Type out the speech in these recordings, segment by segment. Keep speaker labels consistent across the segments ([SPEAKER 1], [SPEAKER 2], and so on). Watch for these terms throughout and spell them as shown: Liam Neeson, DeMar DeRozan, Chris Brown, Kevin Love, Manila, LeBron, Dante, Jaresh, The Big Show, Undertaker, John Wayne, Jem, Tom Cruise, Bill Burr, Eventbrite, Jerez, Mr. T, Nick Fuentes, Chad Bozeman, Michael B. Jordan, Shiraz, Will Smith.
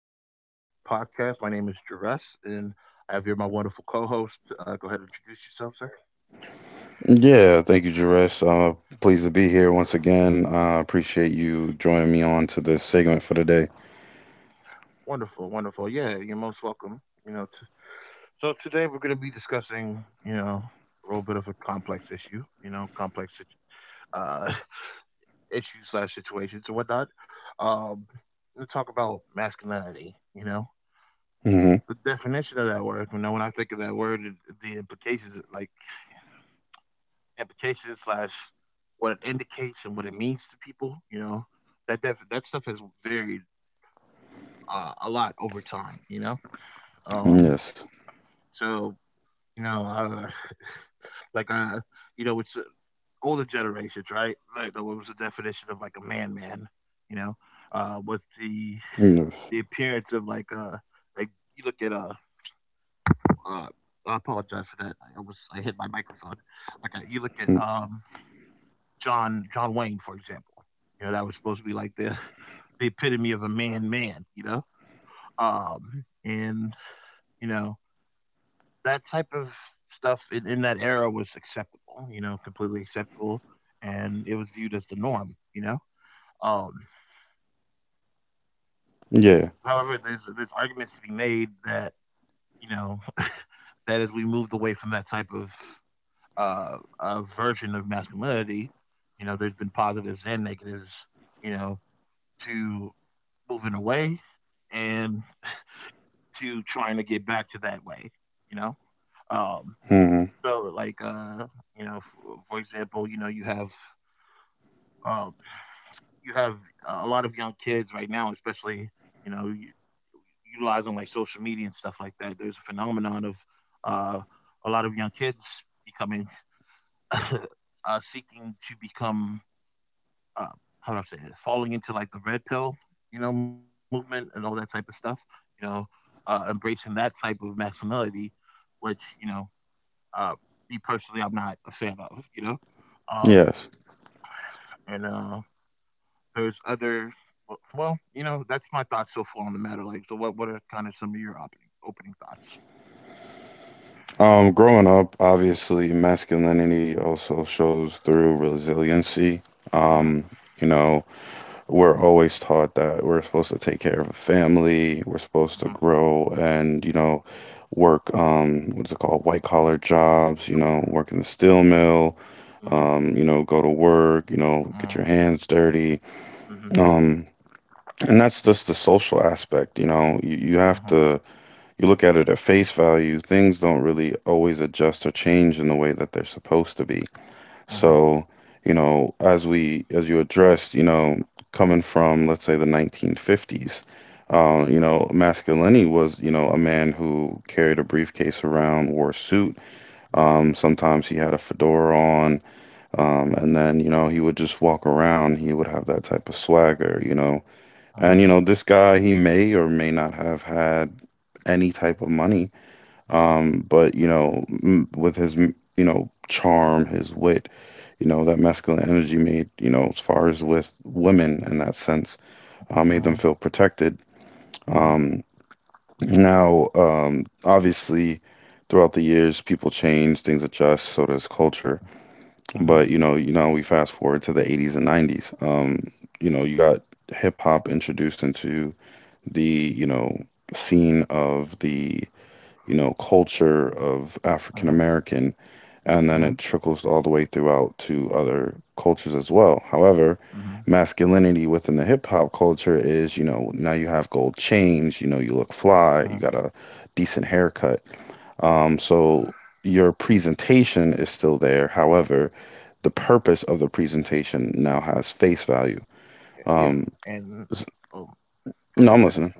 [SPEAKER 1] welcome to my podcast. My name is Jerez, and I have here my wonderful co-host. Go ahead and introduce yourself, sir.
[SPEAKER 2] Yeah, thank you, Jaresh. Pleased to be here once again. I appreciate you joining me on to this segment for today.
[SPEAKER 1] Wonderful, wonderful. Yeah, you're most welcome. You know, so today we're going to be discussing, you know, a little bit of a complex issue. You know, uh, issues slash situations and whatnot. Um, we'll talk about masculinity. You know,
[SPEAKER 2] hmm
[SPEAKER 1] the definition of that word. You know, when I think of that word, and the implications, like implications slash what it indicates and what it means to people. You know, that stuff has varied a lot over time. You know, um,
[SPEAKER 2] Yes.
[SPEAKER 1] so you know, uh, like you know, it's older generations, right? What was the definition of like a man, man? You know, was the
[SPEAKER 2] Yes.
[SPEAKER 1] the appearance of like you look at uh I apologize for that. I hit my microphone. You look at
[SPEAKER 2] Mm.
[SPEAKER 1] John Wayne, for example. You know, that was supposed to be like the the epitome of a man, you know? And you know, that type of stuff in that era was acceptable, you know, completely acceptable, and it was viewed as the norm, you know? Um
[SPEAKER 2] Yeah.
[SPEAKER 1] However, there's arguments to be made that, you know, that as we moved away from that type of version of masculinity, you know, there's been positives and negatives, you know, to moving away and to trying to get back to that way, you know? Um,
[SPEAKER 2] hmm
[SPEAKER 1] so like uh you know, for example, you know, um you have a lot of young kids right now, especially, you know, utilizing like social media and stuff like that. There's a phenomenon of uh a lot of young kids becoming seeking to become uh, how do I say it? Falling into like the red pill, you know, movement and all that type of stuff. You know, embracing that type of masculinity, which, you know, uh, me personally, I'm not a fan of. You know, um,
[SPEAKER 2] Yes.
[SPEAKER 1] and there's other. Well, you know, that's my thoughts so far on the matter. Like, so what? What are kind of some of your opening thoughts?
[SPEAKER 2] Growing up, obviously, masculinity also shows through resiliency.
[SPEAKER 1] Uh
[SPEAKER 2] Um, you know, we're always taught that we're supposed to take care of a family, we're supposed to
[SPEAKER 1] Uh
[SPEAKER 2] grow and, you know, work, what's it called, white collar jobs, you know, work in the steel mill
[SPEAKER 1] Uh huh.
[SPEAKER 2] you know, go to work, you know,
[SPEAKER 1] Huh.
[SPEAKER 2] get
[SPEAKER 1] Huh.
[SPEAKER 2] your hands dirty.
[SPEAKER 1] Uh huh.
[SPEAKER 2] Um, and that's just the social aspect, you know. You
[SPEAKER 1] Uh
[SPEAKER 2] have
[SPEAKER 1] huh.
[SPEAKER 2] to you look at it at face value. Things don't really always adjust or change in the way that they're supposed to be.
[SPEAKER 1] Uh huh.
[SPEAKER 2] So, you know, as you addressed, you know, coming from let's say the 1950s, you know, masculinity was, you know, a man who carried a briefcase around, wore a suit. Sometimes he had a fedora on and then, you know, he would just walk around. He would have that type of swagger, you know.
[SPEAKER 1] Uh huh.
[SPEAKER 2] And, you know, this guy, he may or may not have had any type of money. But, you know, m with his, you know, charm, his wit, you know, that masculine energy made, you know, as far as with women in that sense,
[SPEAKER 1] Uh
[SPEAKER 2] made
[SPEAKER 1] huh.
[SPEAKER 2] them feel protected.
[SPEAKER 1] Uh huh.
[SPEAKER 2] Um, Now, obviously, throughout the years, people change, things adjust, so does culture.
[SPEAKER 1] Uh huh.
[SPEAKER 2] But you know, we fast forward to the 80s and 90s. You know, you got hip hop introduced into the, you know, scene of the, you know, culture of
[SPEAKER 1] Uh
[SPEAKER 2] African
[SPEAKER 1] huh.
[SPEAKER 2] American, and
[SPEAKER 1] Uh
[SPEAKER 2] then
[SPEAKER 1] huh.
[SPEAKER 2] it trickles all the way throughout to other cultures as well. However,
[SPEAKER 1] Uh huh.
[SPEAKER 2] masculinity within the hip hop culture is, you know, now you have gold chains, you know, you look
[SPEAKER 1] Uh
[SPEAKER 2] fly,
[SPEAKER 1] huh.
[SPEAKER 2] you got a decent haircut. So your presentation is still there. However, the purpose of the presentation
[SPEAKER 1] Uh huh.
[SPEAKER 2] now has face value.
[SPEAKER 1] Yeah,
[SPEAKER 2] Um,
[SPEAKER 1] and,
[SPEAKER 2] s-
[SPEAKER 1] oh,
[SPEAKER 2] no,
[SPEAKER 1] go
[SPEAKER 2] I'm
[SPEAKER 1] ahead.
[SPEAKER 2] listening.
[SPEAKER 1] Sorry.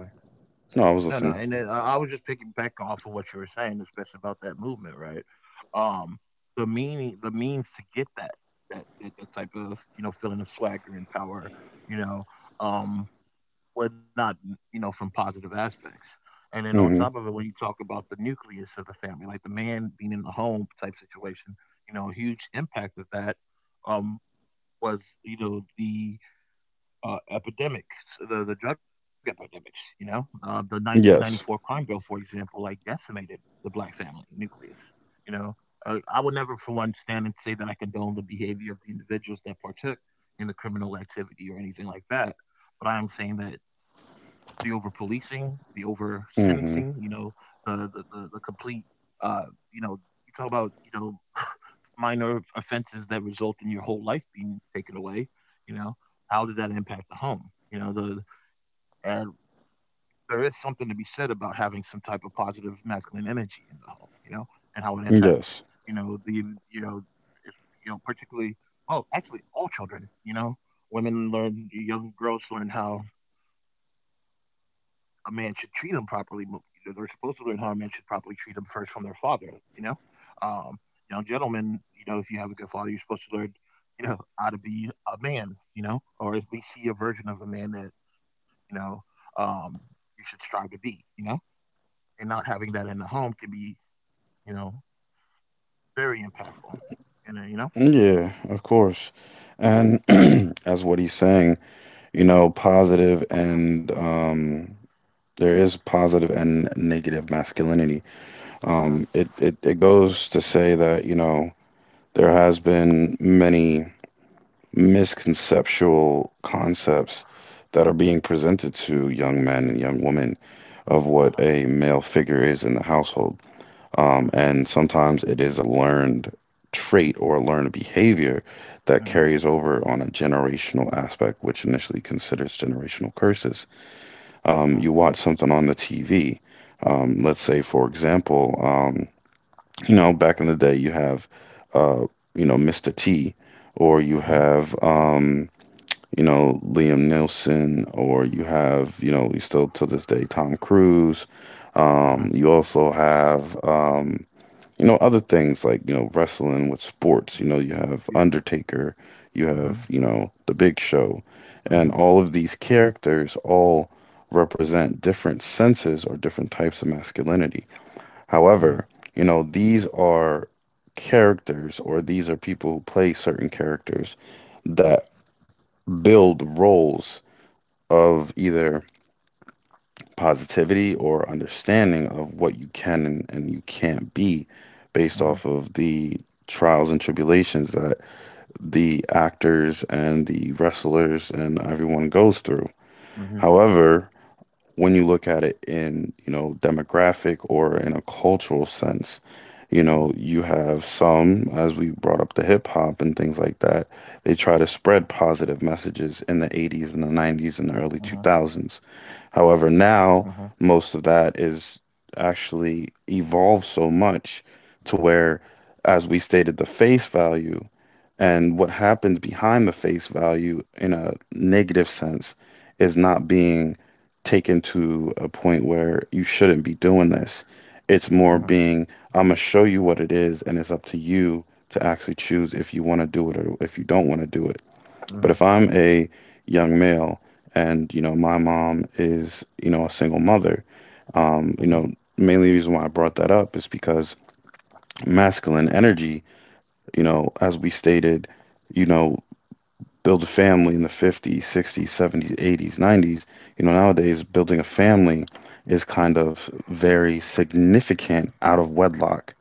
[SPEAKER 2] No, I was
[SPEAKER 1] No, no,
[SPEAKER 2] listening.
[SPEAKER 1] and then I was just picking back off of what you were saying, especially about that movement, right? Um, the meaning, the means to get that type of, you know, feeling of swagger and power, you know, um, well, not, you know, from positive aspects. And then on top
[SPEAKER 2] hmm
[SPEAKER 1] of it, when you talk about the nucleus of the family, like the man being in the home type situation, you know, a huge impact of that, um, was, you know, the epidemics, the drug epidemics. You know, the 1994
[SPEAKER 2] Yes.
[SPEAKER 1] crime bill, for example, like decimated the black family nucleus. You know, I would never, for one, stand and say that I condone the behavior of the individuals that partook in the criminal activity or anything like that. But I am saying that the over policing, the over sentencing, you
[SPEAKER 2] hmm
[SPEAKER 1] know, the complete, uh, you know, you talk about, you know, minor offenses that result in your whole life being taken away, you know, how did that impact the home? You know, the, and there is something to be said about having some type of positive masculine energy in the home, you know, and how it impacts,
[SPEAKER 2] Yes.
[SPEAKER 1] you know, the, you know, if, you know, particularly, oh, actually all children, you know, women learn, young girls learn how a man should treat them properly. But They're supposed to learn how a man should properly treat them first from their father. Um, you know, gentlemen. You know, if you have a good father, you're supposed to learn, you know, how to be a man. You know, or at least see a version of a man that, you know, um, you should strive to be. You know, and not having that in the home can be, you know, very impactful. And you know,
[SPEAKER 2] Yeah, of course. And as what he's saying, you know, positive and there is positive and negative masculinity.
[SPEAKER 1] uh huh,
[SPEAKER 2] It goes to say that, you know, there has been many misconceptual concepts that are being presented to young men and young women
[SPEAKER 1] uh
[SPEAKER 2] of
[SPEAKER 1] huh,
[SPEAKER 2] what a male figure is in the household.
[SPEAKER 1] uh huh,
[SPEAKER 2] And sometimes it is a learned trait or a learned behavior that
[SPEAKER 1] uh
[SPEAKER 2] carries over on a generational aspect, which initially considers generational curses.
[SPEAKER 1] huh,
[SPEAKER 2] You watch something on the TV. Let's say, for example, you know, back in the day, you have, uh, you know, Mr. T, or
[SPEAKER 1] uh
[SPEAKER 2] you
[SPEAKER 1] huh,
[SPEAKER 2] have, you know, Liam Neeson, or you have, you know, you still to this day, Tom Cruise.
[SPEAKER 1] uh huh.
[SPEAKER 2] You also have, you know, other things like, you know, wrestling with
[SPEAKER 1] Uh
[SPEAKER 2] sports. You
[SPEAKER 1] huh.
[SPEAKER 2] know, you have
[SPEAKER 1] Yeah, yeah.
[SPEAKER 2] Undertaker, you
[SPEAKER 1] Uh
[SPEAKER 2] have,
[SPEAKER 1] huh,
[SPEAKER 2] you know, The Big Show.
[SPEAKER 1] uh
[SPEAKER 2] And
[SPEAKER 1] huh,
[SPEAKER 2] all of these characters all represent different senses or different types of masculinity.
[SPEAKER 1] uh
[SPEAKER 2] However, you know, these are characters or these are people who play certain characters that build roles of either positivity or understanding of what you can and you can't be based
[SPEAKER 1] huh,
[SPEAKER 2] off of the trials and tribulations that the actors and the wrestlers and everyone goes through.
[SPEAKER 1] uh huh.
[SPEAKER 2] However, when you look at it in, you know, demographic or in a cultural sense, you
[SPEAKER 1] Mhm,
[SPEAKER 2] know, you have some, as we brought up the hip hop and things like that, they try to spread positive messages in the 80s and the 90s and the early
[SPEAKER 1] mhm,
[SPEAKER 2] 2000s.
[SPEAKER 1] mhm,
[SPEAKER 2] However, now most of that is actually evolved so much to where, as we stated, the face value and what happens behind the face value in a negative sense is not being taken to a point where you shouldn't be doing this. It's
[SPEAKER 1] mhm,
[SPEAKER 2] more being, I'm going to show you what it is, and it's up to you to actually choose if you want to do it or if you don't want to do it. But
[SPEAKER 1] mhm,
[SPEAKER 2] if I'm a young male and, you know, my mom is, you know, a single mother,
[SPEAKER 1] mhm,
[SPEAKER 2] you know, mainly reason why I brought that up is because masculine energy, you know, as we stated, you know, build a family in the 50s, 60s, 70s, 80s, 90s, you know, nowadays building a family is kind of very significant out of wedlock.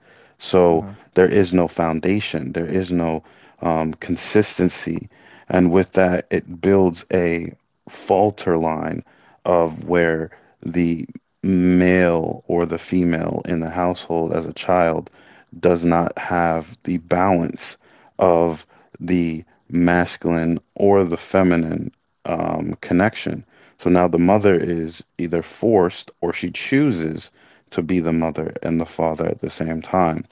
[SPEAKER 1] mhm,
[SPEAKER 2] So there is no foundation, there is no consistency. And with that, it builds a falter line of where the male or the female in the household as a child does not have the balance of the masculine or the feminine connection. So now the
[SPEAKER 1] mhm,
[SPEAKER 2] mother is either forced or she chooses to be the mother and the father at the same time.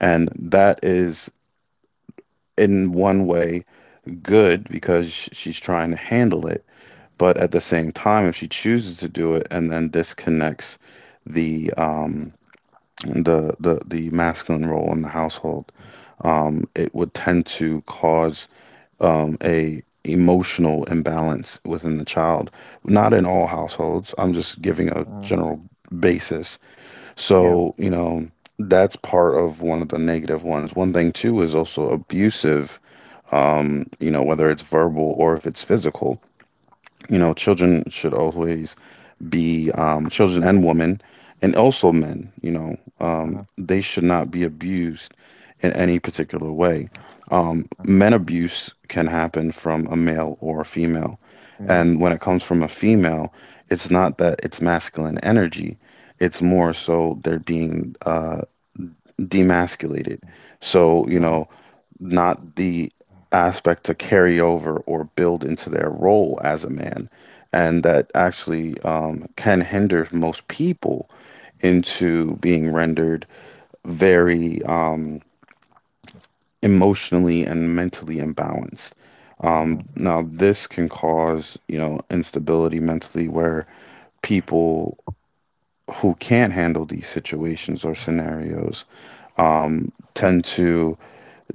[SPEAKER 2] And that is, in one way, good because she's trying to handle it. But at the same time, if she chooses to do it and then disconnects the um, the masculine role in the household, it would tend to cause a emotional imbalance within the child. Not in all households. I'm just giving
[SPEAKER 1] mhm.
[SPEAKER 2] a general basis.
[SPEAKER 1] Yeah.
[SPEAKER 2] So, you know, that's part of one of the negative ones. One thing too is also abusive, you know, whether it's verbal or if it's physical. You know, children should always be children and women, and also men. You know,
[SPEAKER 1] Mhm,
[SPEAKER 2] they should not be abused in any particular way.
[SPEAKER 1] uh,
[SPEAKER 2] Men abuse can happen from a male or a female,
[SPEAKER 1] mhm,
[SPEAKER 2] and when it comes from a female, it's not that it's masculine energy. It's more so they're being
[SPEAKER 1] mm,
[SPEAKER 2] demasculated. So
[SPEAKER 1] uh-huh,
[SPEAKER 2] you know, not the aspect to carry over or build into their role as a man. And that actually can hinder most people into being rendered very emotionally and mentally imbalanced.
[SPEAKER 1] mhm,
[SPEAKER 2] Now, this can cause, you know, instability mentally where people who can't handle these situations or scenarios tend to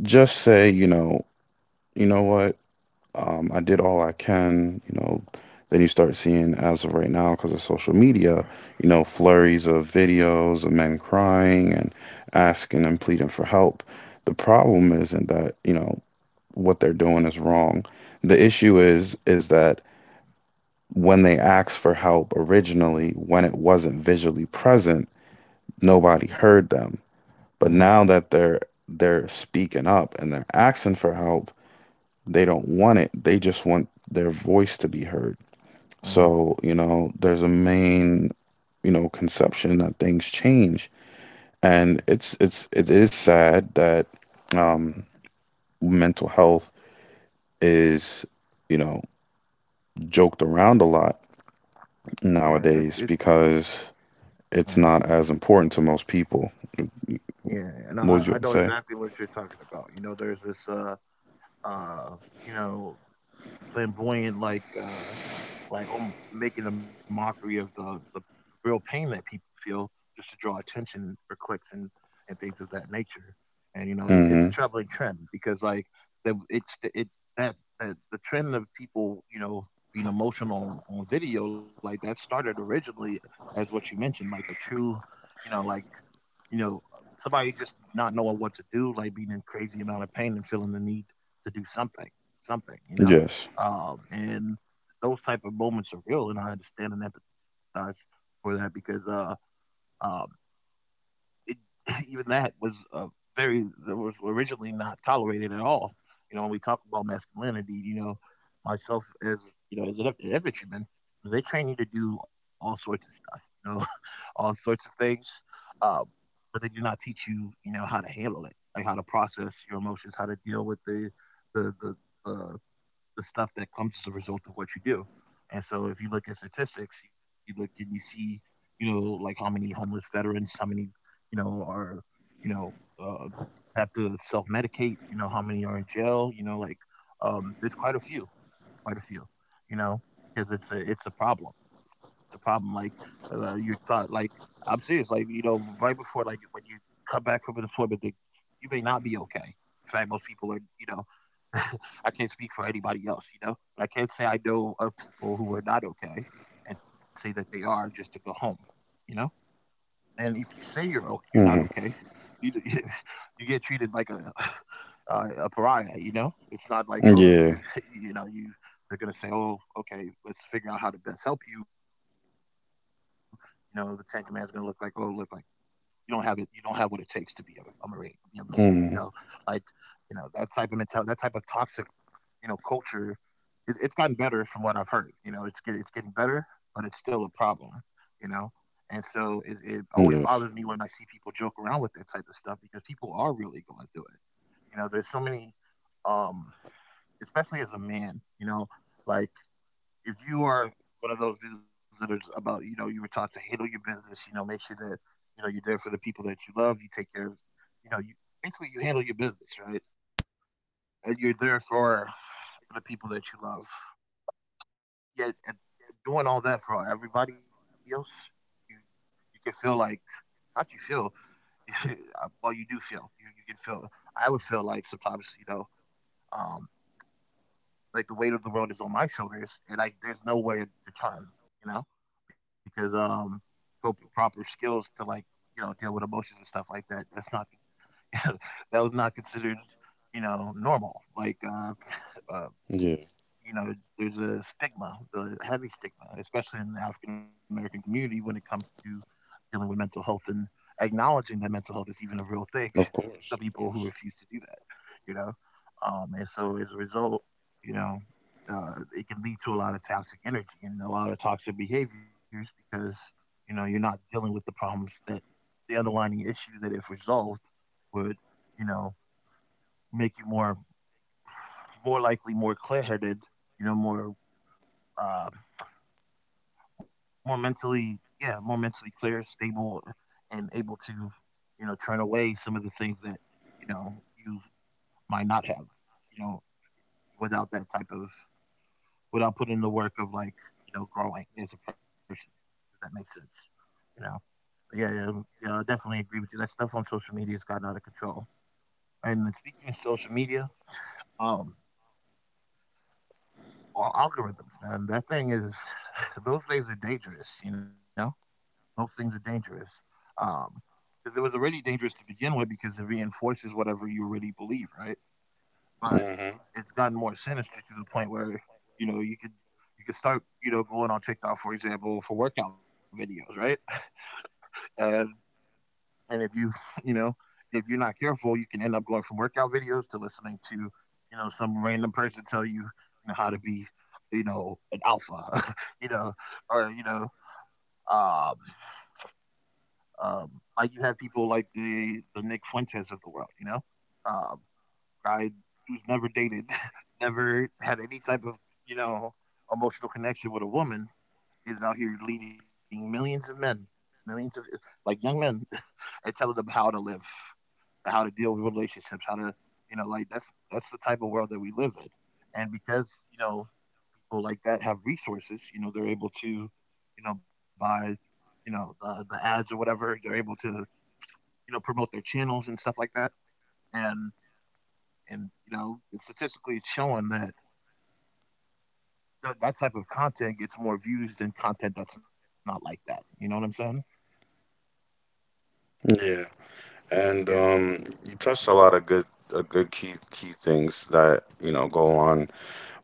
[SPEAKER 2] just say, you know what? Um, I did all I can, you know. Then you start seeing, as of right now, because of social media, you know, flurries of videos of men crying and asking and pleading for help. The problem isn't that, you know, what they're doing is wrong. The issue is that when they asked for help originally, when it wasn't visually present, nobody heard them. But
[SPEAKER 1] mhm,
[SPEAKER 2] now that they're speaking up and they're asking for help, they don't want it. They just want their voice to be heard.
[SPEAKER 1] mhm,
[SPEAKER 2] So, you know, there's a main, you know, conception that things change. And it is sad that
[SPEAKER 1] mhm.
[SPEAKER 2] um mental health is, you know, joked around a lot
[SPEAKER 1] Yeah, it's
[SPEAKER 2] nowadays because
[SPEAKER 1] uh
[SPEAKER 2] it's not as important to most people.
[SPEAKER 1] yeah, no,
[SPEAKER 2] What
[SPEAKER 1] I
[SPEAKER 2] would you
[SPEAKER 1] know
[SPEAKER 2] say?
[SPEAKER 1] exactly what you're talking about. You know, there's this uh you know, flamboyant, making a mockery of the real pain that people feel just to draw attention for clicks and things of that nature. And you know,
[SPEAKER 2] Mm-hmm.
[SPEAKER 1] it's a troubling trend because like the, it's the, it that, that the trend of people, you know, being emotional on video like that started originally as what you mentioned, like a true, you know, like, you know, somebody just not knowing what to do, like being in crazy amount of pain and feeling the need to do something, something, you know?
[SPEAKER 2] Yes.
[SPEAKER 1] And those type of moments are real. And I understand and empathize for that because, um, it, even that was a very that was originally not tolerated at all. You know, when we talk about masculinity, you know, myself, as you know, as an infantryman, they train you to do all sorts of stuff. You know, all sorts of things, uh, but they do not teach you, you know, how to handle it, like how to process your emotions, how to deal with the the, the the stuff that comes as a result of what you do. And so if you look at statistics, you look and you see, you know, like how many homeless veterans, how many, you know, are, you know, uh, have to self medicate, you know, how many are in jail, you know, like, there's quite a few, you know, because it's a problem. It's a problem. Like, you thought, like, I'm serious. Like, you know, right before, like when you come back from an employment thing, you may not be okay. In fact, most people are. You know, I can't speak for anybody else. You know, but I can't say I know of people who are not okay and say that they are just to go home. You know, and if you say you're you're not
[SPEAKER 2] Mm-hmm.
[SPEAKER 1] okay, you you get treated like a a pariah. You know, it's not like, oh,
[SPEAKER 2] Yeah.
[SPEAKER 1] you know, you, they're gonna say, oh, okay, let's figure out how to best help you. You know, the Ten Command's gonna look like, oh, look like you don't have it, you don't have what it takes to be a marine, to be a man. You know, like,
[SPEAKER 2] Mm-hmm.
[SPEAKER 1] you know, that type of mentality, that type of toxic, you know, culture, it's gotten better from what I've heard. You know, it's getting better, but it's still a problem. You know, and so it always
[SPEAKER 2] Yes.
[SPEAKER 1] bothers me when I see people joke around with that type of stuff because people are really going through it. You know, there's so many, um, especially as a man. You know, like if you are one of those dudes that are about, you know, you were taught to handle your business. You know, make sure that, you know, you're there for the people that you love. You take care of, you know, you basically you handle your business, right? And you're there for the people that you love. Yeah, and doing all that for everybody else, you you can feel like not you feel well, you do feel you you can feel I would feel like sometimes, you know, um like the weight of the world is on my shoulders and like there's nowhere to turn, you know, because, coping proper skills to like, you know, deal with emotions and stuff like that, that's not that was not considered, you know, normal,
[SPEAKER 2] Yeah,
[SPEAKER 1] uh you know, there's a stigma, the heavy stigma, especially in the African American community when it comes to dealing with mental health and acknowledging that mental health is even a real
[SPEAKER 2] of
[SPEAKER 1] thing.
[SPEAKER 2] course, of
[SPEAKER 1] Some people who refuse to do that, you know, and so as a result, you know, it can lead to a lot of toxic energy and a lot of toxic behaviors because you know you're not dealing with the underlying issue that if resolved would, you know, make you more likely more clear-headed, you know, more uh, more mentally, yeah, more mentally clear, stable, and able to, you know, turn away some of the things that you might not have, you know, without without putting the work of, like, growing as a person, if that makes sense, you know. But yeah, I definitely agree with you. That stuff on social media has gotten out of control. And then speaking of social media, um, algorithms, man, those things are dangerous, you know. Those things are dangerous. Um, because it was already dangerous to begin with because it reinforces whatever you already believe, right? But
[SPEAKER 2] course.
[SPEAKER 1] it's gotten more sinister to the point where, you know, you could start, you know, going on TikTok, for example, for workout videos, right? And and if you you know, if you're not careful, you can end up going from workout videos to listening to, you know, some random person tell you, you know, how to be, you know, an alpha, you know, or um like you have people like the Nick Fuentes of the world, you know, um, guy who's never dated, never had any type of, you know, emotional connection with a woman, is out here leading millions of men, millions of like young men, and telling them how to live, how to deal with relationships, how to you know, like that's the type of world that we live in, and because, you know, people like that have resources, you know, they're able to, you know, buy, you know, the ads or whatever. They're able to, you know, promote their channels and stuff like that. And you know, statistically it's showing that that type of content gets more views than content that's not like that. You know what I'm saying?
[SPEAKER 2] Yeah,
[SPEAKER 1] Yeah.
[SPEAKER 2] and you touched a lot of good, good key things that you know go on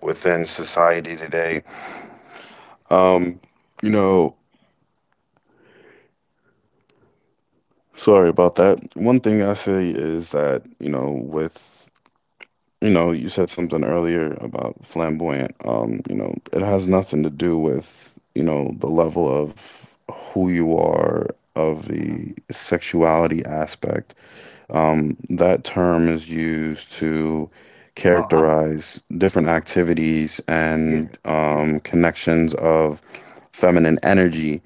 [SPEAKER 2] within society today. Um, you know, sorry about that. One thing I say is that you know, with you know, you said something earlier about flamboyant. You know, it has nothing to do with you know the level of who you are
[SPEAKER 1] Uh
[SPEAKER 2] of
[SPEAKER 1] huh.
[SPEAKER 2] the sexuality aspect. That term is used
[SPEAKER 1] Yeah.
[SPEAKER 2] to
[SPEAKER 1] Oh, I'm.
[SPEAKER 2] characterize different activities and
[SPEAKER 1] Yeah. Yeah.
[SPEAKER 2] connections of feminine energy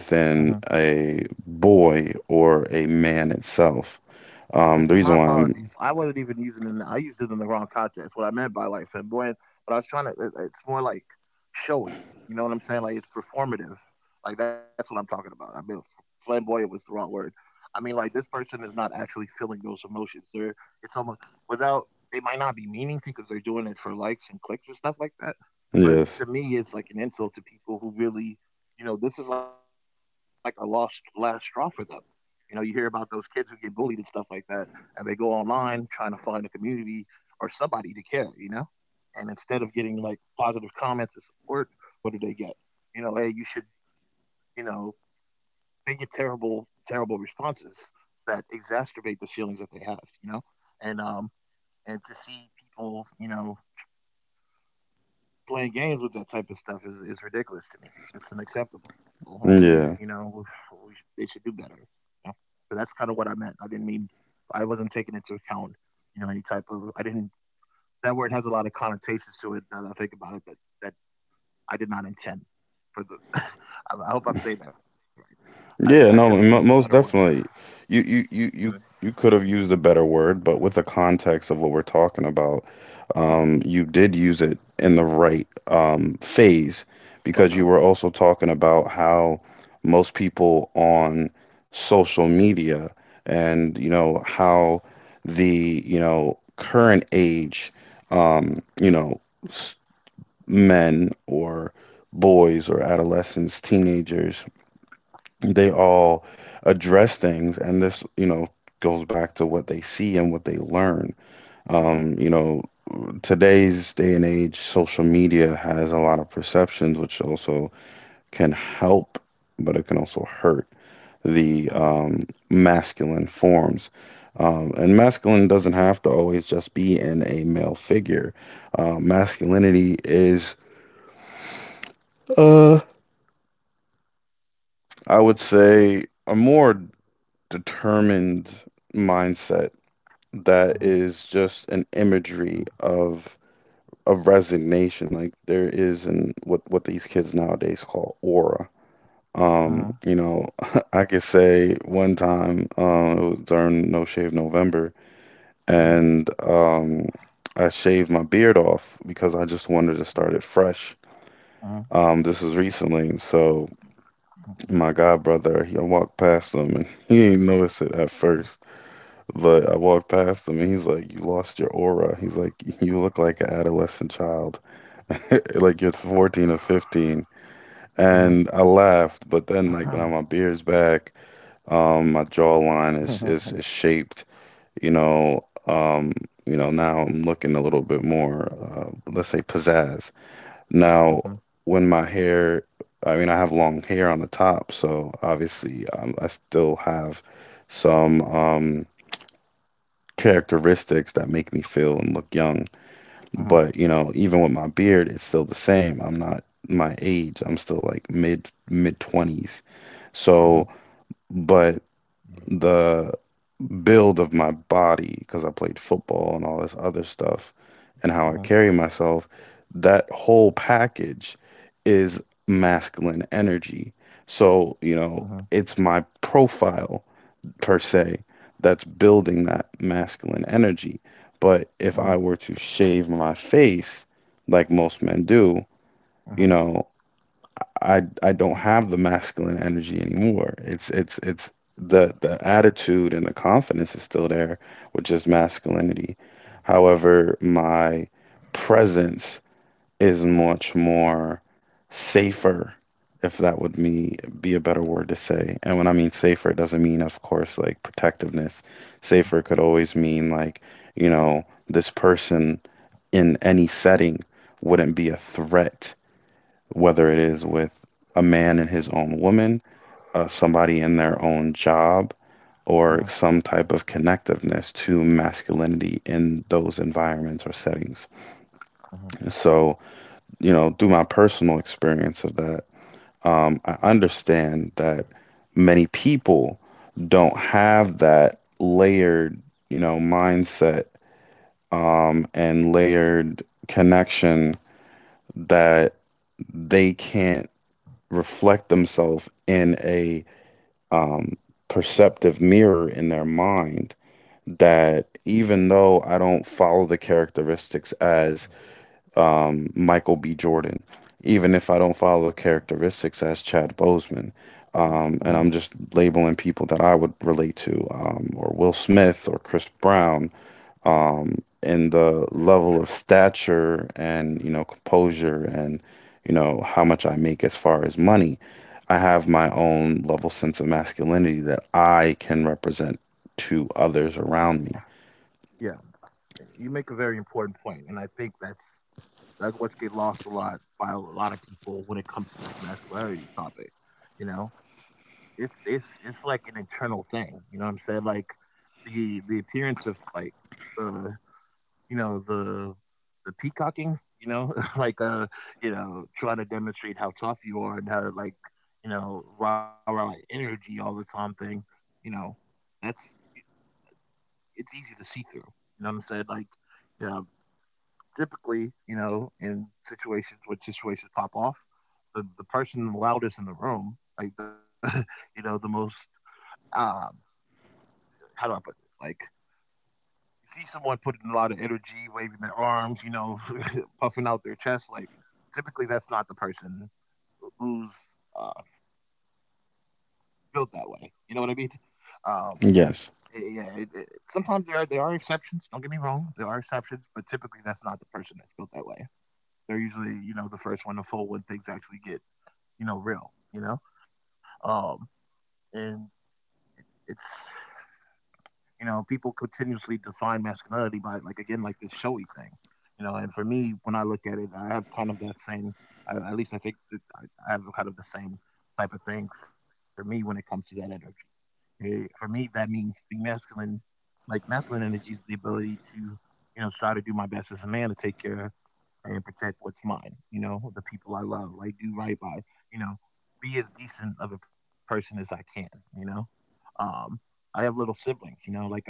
[SPEAKER 1] Uh huh.
[SPEAKER 2] a boy or a man itself.
[SPEAKER 1] And see, my
[SPEAKER 2] The reason why I'm,
[SPEAKER 1] apologies. I wasn't even using it. I used it in the wrong context. What I meant by, like, flamboyant, but I was trying to. it's more like showy. You know what I'm saying? Like, it's performative. Like, that's what I'm talking about. I mean, flamboyant was the wrong word. I mean, like, this person is not actually feeling those emotions. They're it's almost without. They might not be meaning to because they're doing it for likes and clicks and stuff like that. But
[SPEAKER 2] Yes,
[SPEAKER 1] to me, it's like an insult to people who really, you know, this is like a lost last straw for them. You know, you hear about those kids who get bullied and stuff like that and they go online trying to find a community or somebody to care, you know? And instead of getting like positive comments and support, what do they get? You know, hey, you should, you know, they get terrible, terrible responses that exacerbate the feelings that they have, you know? And and to see people, you know, playing games with that type of stuff is ridiculous to me. It's unacceptable, and we, you know,
[SPEAKER 2] yeah.
[SPEAKER 1] we, we, they should do better. You know, but that's kind of what I meant. I didn't mean I wasn't taking into account, you know, any type of. I didn't. That word has a lot of connotations to it. Now that I think about it, that I did not intend for the. I hope I'm saying that right. I should have
[SPEAKER 2] Yeah,
[SPEAKER 1] used a
[SPEAKER 2] no,
[SPEAKER 1] better
[SPEAKER 2] mo
[SPEAKER 1] word.
[SPEAKER 2] most definitely. You you
[SPEAKER 1] Uh
[SPEAKER 2] you you you could have used a better word, but with the context of what we're talking about,
[SPEAKER 1] huh.
[SPEAKER 2] you did use it in the right phase because you
[SPEAKER 1] Okay.
[SPEAKER 2] were also talking about how most people on social media and you know how the you know current age you know s men or boys or adolescents, teenagers, they all address things, and this, you know, goes back to what they see and what they learn.
[SPEAKER 1] Uh huh.
[SPEAKER 2] You know, today's day and age, social media has a lot of perceptions, which also can help, but it can also hurt
[SPEAKER 1] Uh huh.
[SPEAKER 2] the masculine forms. And masculine doesn't have to always just be in a male figure. Masculinity is, uh, I would say, a more determined mindset
[SPEAKER 1] Uh huh.
[SPEAKER 2] that is just an imagery of resignation. Like there is an what these kids nowadays call aura.
[SPEAKER 1] Uh huh.
[SPEAKER 2] You know, I could say one time, it was during No Shave November,
[SPEAKER 1] Uh huh.
[SPEAKER 2] and I shaved my beard off because I just wanted to start it fresh.
[SPEAKER 1] Uh huh. Uh
[SPEAKER 2] This was recently, so
[SPEAKER 1] huh.
[SPEAKER 2] my god brother, he I walked past him and he didn't notice it at first. But I walked past him and he's like, "You lost your aura." He's like, "You look like an adolescent child. Like you're 14 or 15."
[SPEAKER 1] Uh
[SPEAKER 2] And I laughed, but then like now my beard's back, my jawline
[SPEAKER 1] huh.
[SPEAKER 2] is, is shaped, you know, um, now I'm looking a little bit more let's say pizzazz. Now
[SPEAKER 1] Uh
[SPEAKER 2] when my hair I mean I have long hair on the top, so obviously I still have some characteristics that make me feel and look young.
[SPEAKER 1] huh.
[SPEAKER 2] But, even with my beard, it's still the same. I'm not my age. I'm still like mid 20s.
[SPEAKER 1] Uh huh.
[SPEAKER 2] So, but the build of my body, because I played football and all this other stuff, and how I
[SPEAKER 1] Uh-huh.
[SPEAKER 2] carry myself, that whole package is masculine energy. So,
[SPEAKER 1] Uh-huh.
[SPEAKER 2] it's my profile per se that's building that masculine energy. But
[SPEAKER 1] Uh-huh.
[SPEAKER 2] if I were to shave my face, like most men do,
[SPEAKER 1] Uh-huh.
[SPEAKER 2] you know, I don't
[SPEAKER 1] Uh-huh.
[SPEAKER 2] have the masculine energy anymore. It's the attitude, and the confidence is still there, which is masculinity. However, my presence is much more safer, if that would me be a better word to say. And when I mean safer, it doesn't mean, of course, like protectiveness. Safer could always mean like, this person in any setting wouldn't be a threat, whether it is with a man and his own woman, somebody in their own job,
[SPEAKER 1] Uh-huh.
[SPEAKER 2] or some type of connectiveness to masculinity in those environments or settings.
[SPEAKER 1] Uh-huh.
[SPEAKER 2] So, through my personal experience of that, I understand that many people don't have that layered, mindset and layered connection, that they can't reflect themselves in a um, perceptive mirror in their mind. That even though I don't follow the characteristics as Michael B. Jordan, even if I don't follow the characteristics as Chad Bozeman.
[SPEAKER 1] Uh-huh.
[SPEAKER 2] And I'm just labeling people that I would relate to, or Will Smith or Chris Brown, in the level of stature and, composure, and, how much I make as far as money. I have my own level sense of masculinity that I can represent to
[SPEAKER 1] So,
[SPEAKER 2] others around me.
[SPEAKER 1] yeah, you make a very important point, and I think that's what's get lost a lot by a lot of people when it comes to this masculinity topic. You know, it's like an internal thing. You know what I'm saying? Like the appearance of like the you know, the peacocking, you know, like you know, trying to demonstrate how tough you are and how, like, you know, rah rah energy all the time thing, you know, that's it's easy to see through. You know what I'm saying? Like, you know, typically, you know, in situations where situations pop off, the person loudest in the room, like, you know, the most um, how do I put this? Like, you see someone putting a lot of energy, waving their arms, you know, puffing out their chest, like typically that's not the person who's uh, built that way. You know what I mean? Um,
[SPEAKER 2] Yes.
[SPEAKER 1] yeah. Sometimes there are exceptions. Don't get me wrong, there are exceptions, but typically that's not the person that's built that way. They're usually, you know, the first one to fold when things actually get, you know, real. You know, um, and it's you know, people continuously define masculinity by, like, again, like, this showy thing. You know, and for me, when I look at it, I have kind of that same. At least I think that I have kind of the same type of thing for me when it comes to that energy. For me, that means being masculine. Like, masculine energy is the ability to, you know, try to do my best as a man to take care and protect what's mine. You know, the people I love, like, do right by. You know, be as decent of a person as I can. You know, um, I have little siblings. You know, like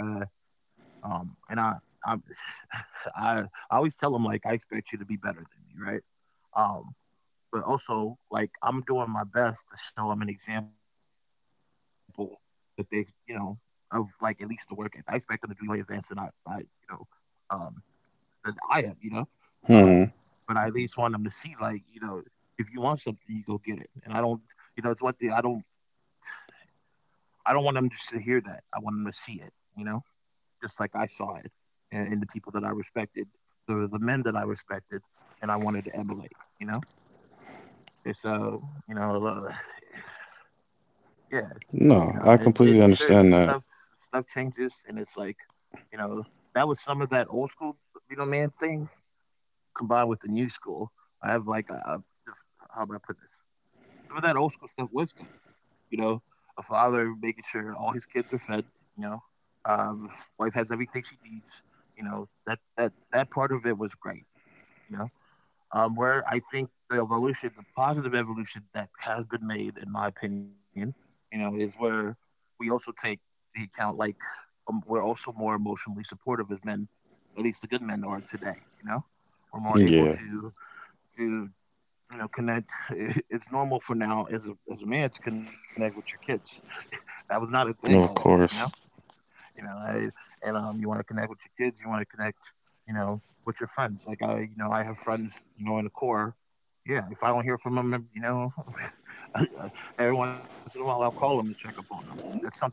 [SPEAKER 1] um, and I, I'm, I always tell them, like, I expect you to be better than me, right? Um, but also, like, I'm doing my best to show them an example that they, you know, of like at least the work. I expect them to be way advanced than you know, um, than I am, you know. Um,
[SPEAKER 2] Hmm.
[SPEAKER 1] but I at least want them to see, like, you know, if you want something, you go get it. And I don't, you know, it's one thing I don't want them just to hear that. I want them to see it, you know just like I saw it, and the people that I respected, the men that I respected, and I wanted to emulate. You know, and so, you know, yeah, you know,
[SPEAKER 2] No,
[SPEAKER 1] and
[SPEAKER 2] I
[SPEAKER 1] it
[SPEAKER 2] completely
[SPEAKER 1] sure
[SPEAKER 2] understand
[SPEAKER 1] stuff
[SPEAKER 2] that.
[SPEAKER 1] stuff changes, and it's like, you know, that was some of that old school, you know, man thing combined with the new school. I have like a just, how do I put this? Some of that old school stuff was good. You know, a father making sure all his kids are fed. You know, um, wife has everything she needs. You know, that part of it was great. You know, where I think the evolution, the positive evolution that has been made, in my opinion, you know, is where we also take the account, like, we're also more emotionally supportive as men, at least the good men are today. You know, we're more able
[SPEAKER 2] Yeah.
[SPEAKER 1] to to you know connect. It's normal for now as as a man to connect with your kids. That was not a thing
[SPEAKER 2] No,
[SPEAKER 1] always,
[SPEAKER 2] of
[SPEAKER 1] you know.
[SPEAKER 2] course.
[SPEAKER 1] You know and you want to connect with your kids, you want to connect, you know, with your friends, like, I have friends, you know, in the core. Yeah, if I don't hear from them, you know, I- I- every once in a while I'll call them to check up on them. That's something that,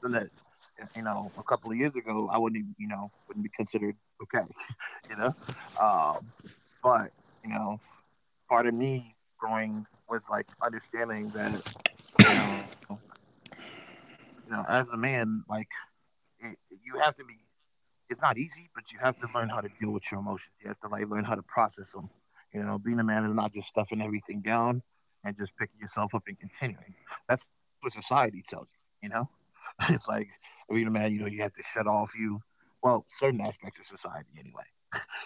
[SPEAKER 1] you know, a couple of years ago I wouldn't even, you know, wouldn't be considered okay. You know, um but, you know, part of me growing was like understanding that, you know you know, as a man, like, you have to be, it's not easy, but you have to learn how to deal with your emotions, you have to, like, learn how to process them. You know, being a man is not just stuffing everything down and just picking yourself up and continuing. That's what society tells you, you know. It's like being a man, you know, you have to shut off you, well, certain aspects of society anyway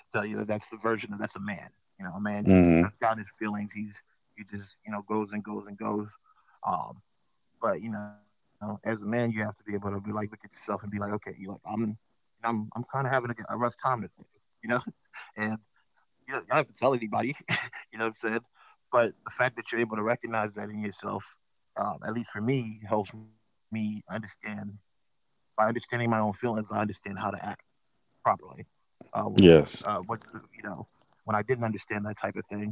[SPEAKER 1] tell you that that's the version of that's a man. You know, a man
[SPEAKER 2] Hmm.
[SPEAKER 1] that's down his feelings. He just, you know, goes and goes and goes. Um, but you know, as a man, you have to be able to be like look at yourself and be like, okay, you like I'm kind of having a rough time today. You know, and you don't have to tell anybody. You know what I'm saying? But the fact that you're able to recognize that in yourself, at least for me, helps me understand. By understanding my own feelings, I understand how to act properly. Uh,
[SPEAKER 2] Yes.
[SPEAKER 1] was you know When I didn't understand that type of thing,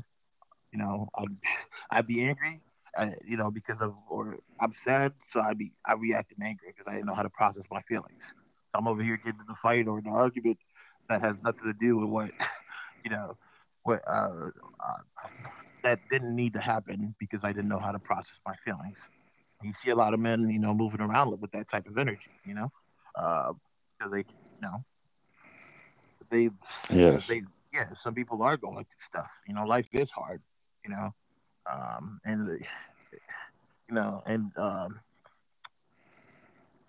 [SPEAKER 1] you know, I'd I'd be angry, you know, because of or I'm sad, so I reacted angry because I didn't know how to process my feelings. So I'm over here getting in a fight or an argument that has nothing to do with what you know what that didn't need to happen because I didn't know how to process my feelings. You see a lot of men, you know, moving around with that type of energy, you know, because they, you know they so
[SPEAKER 2] Yes.
[SPEAKER 1] they yeah, some people are going through stuff. You know, life is hard, you know. Um and the- you know, and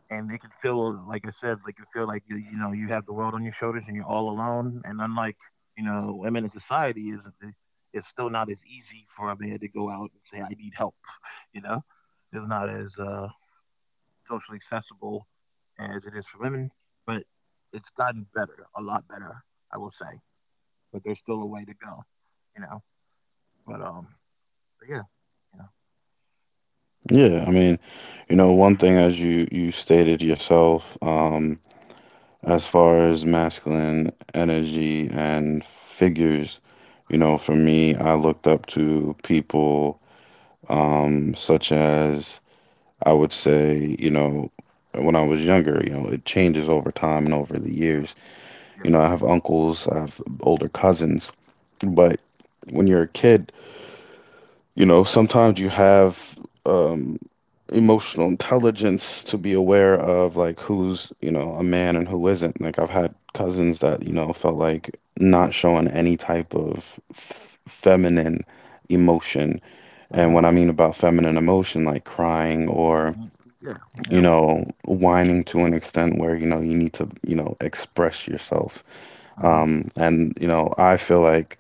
[SPEAKER 1] and it can feel like I said, like you feel like you have the world on your shoulders and you're all alone and unlike, you know, women in society is it's still not as easy for a man to go out and say, I need help, you know. It's not as socially accessible as it is for women, but it's gotten better, a lot better, I will say. But there's still a way to go, you know. But, um, but yeah, yeah,
[SPEAKER 2] Yeah. I mean, one thing as you stated yourself, as far as masculine energy and figures, for me, I looked up to people, such as, I would say, when I was younger, it changes over time and over the years.
[SPEAKER 1] yeah,
[SPEAKER 2] I have uncles, I have older cousins, but when you're a kid. Sometimes you have um, emotional intelligence to be aware of like who's, a man and who isn't. Like, I've had cousins that, felt like not showing any type of f feminine emotion. And what
[SPEAKER 1] mhm,
[SPEAKER 2] I mean about feminine emotion, like crying or,
[SPEAKER 1] mm, yeah, yeah,
[SPEAKER 2] whining to an extent where, you need to, express yourself.
[SPEAKER 1] mhm,
[SPEAKER 2] And, I feel like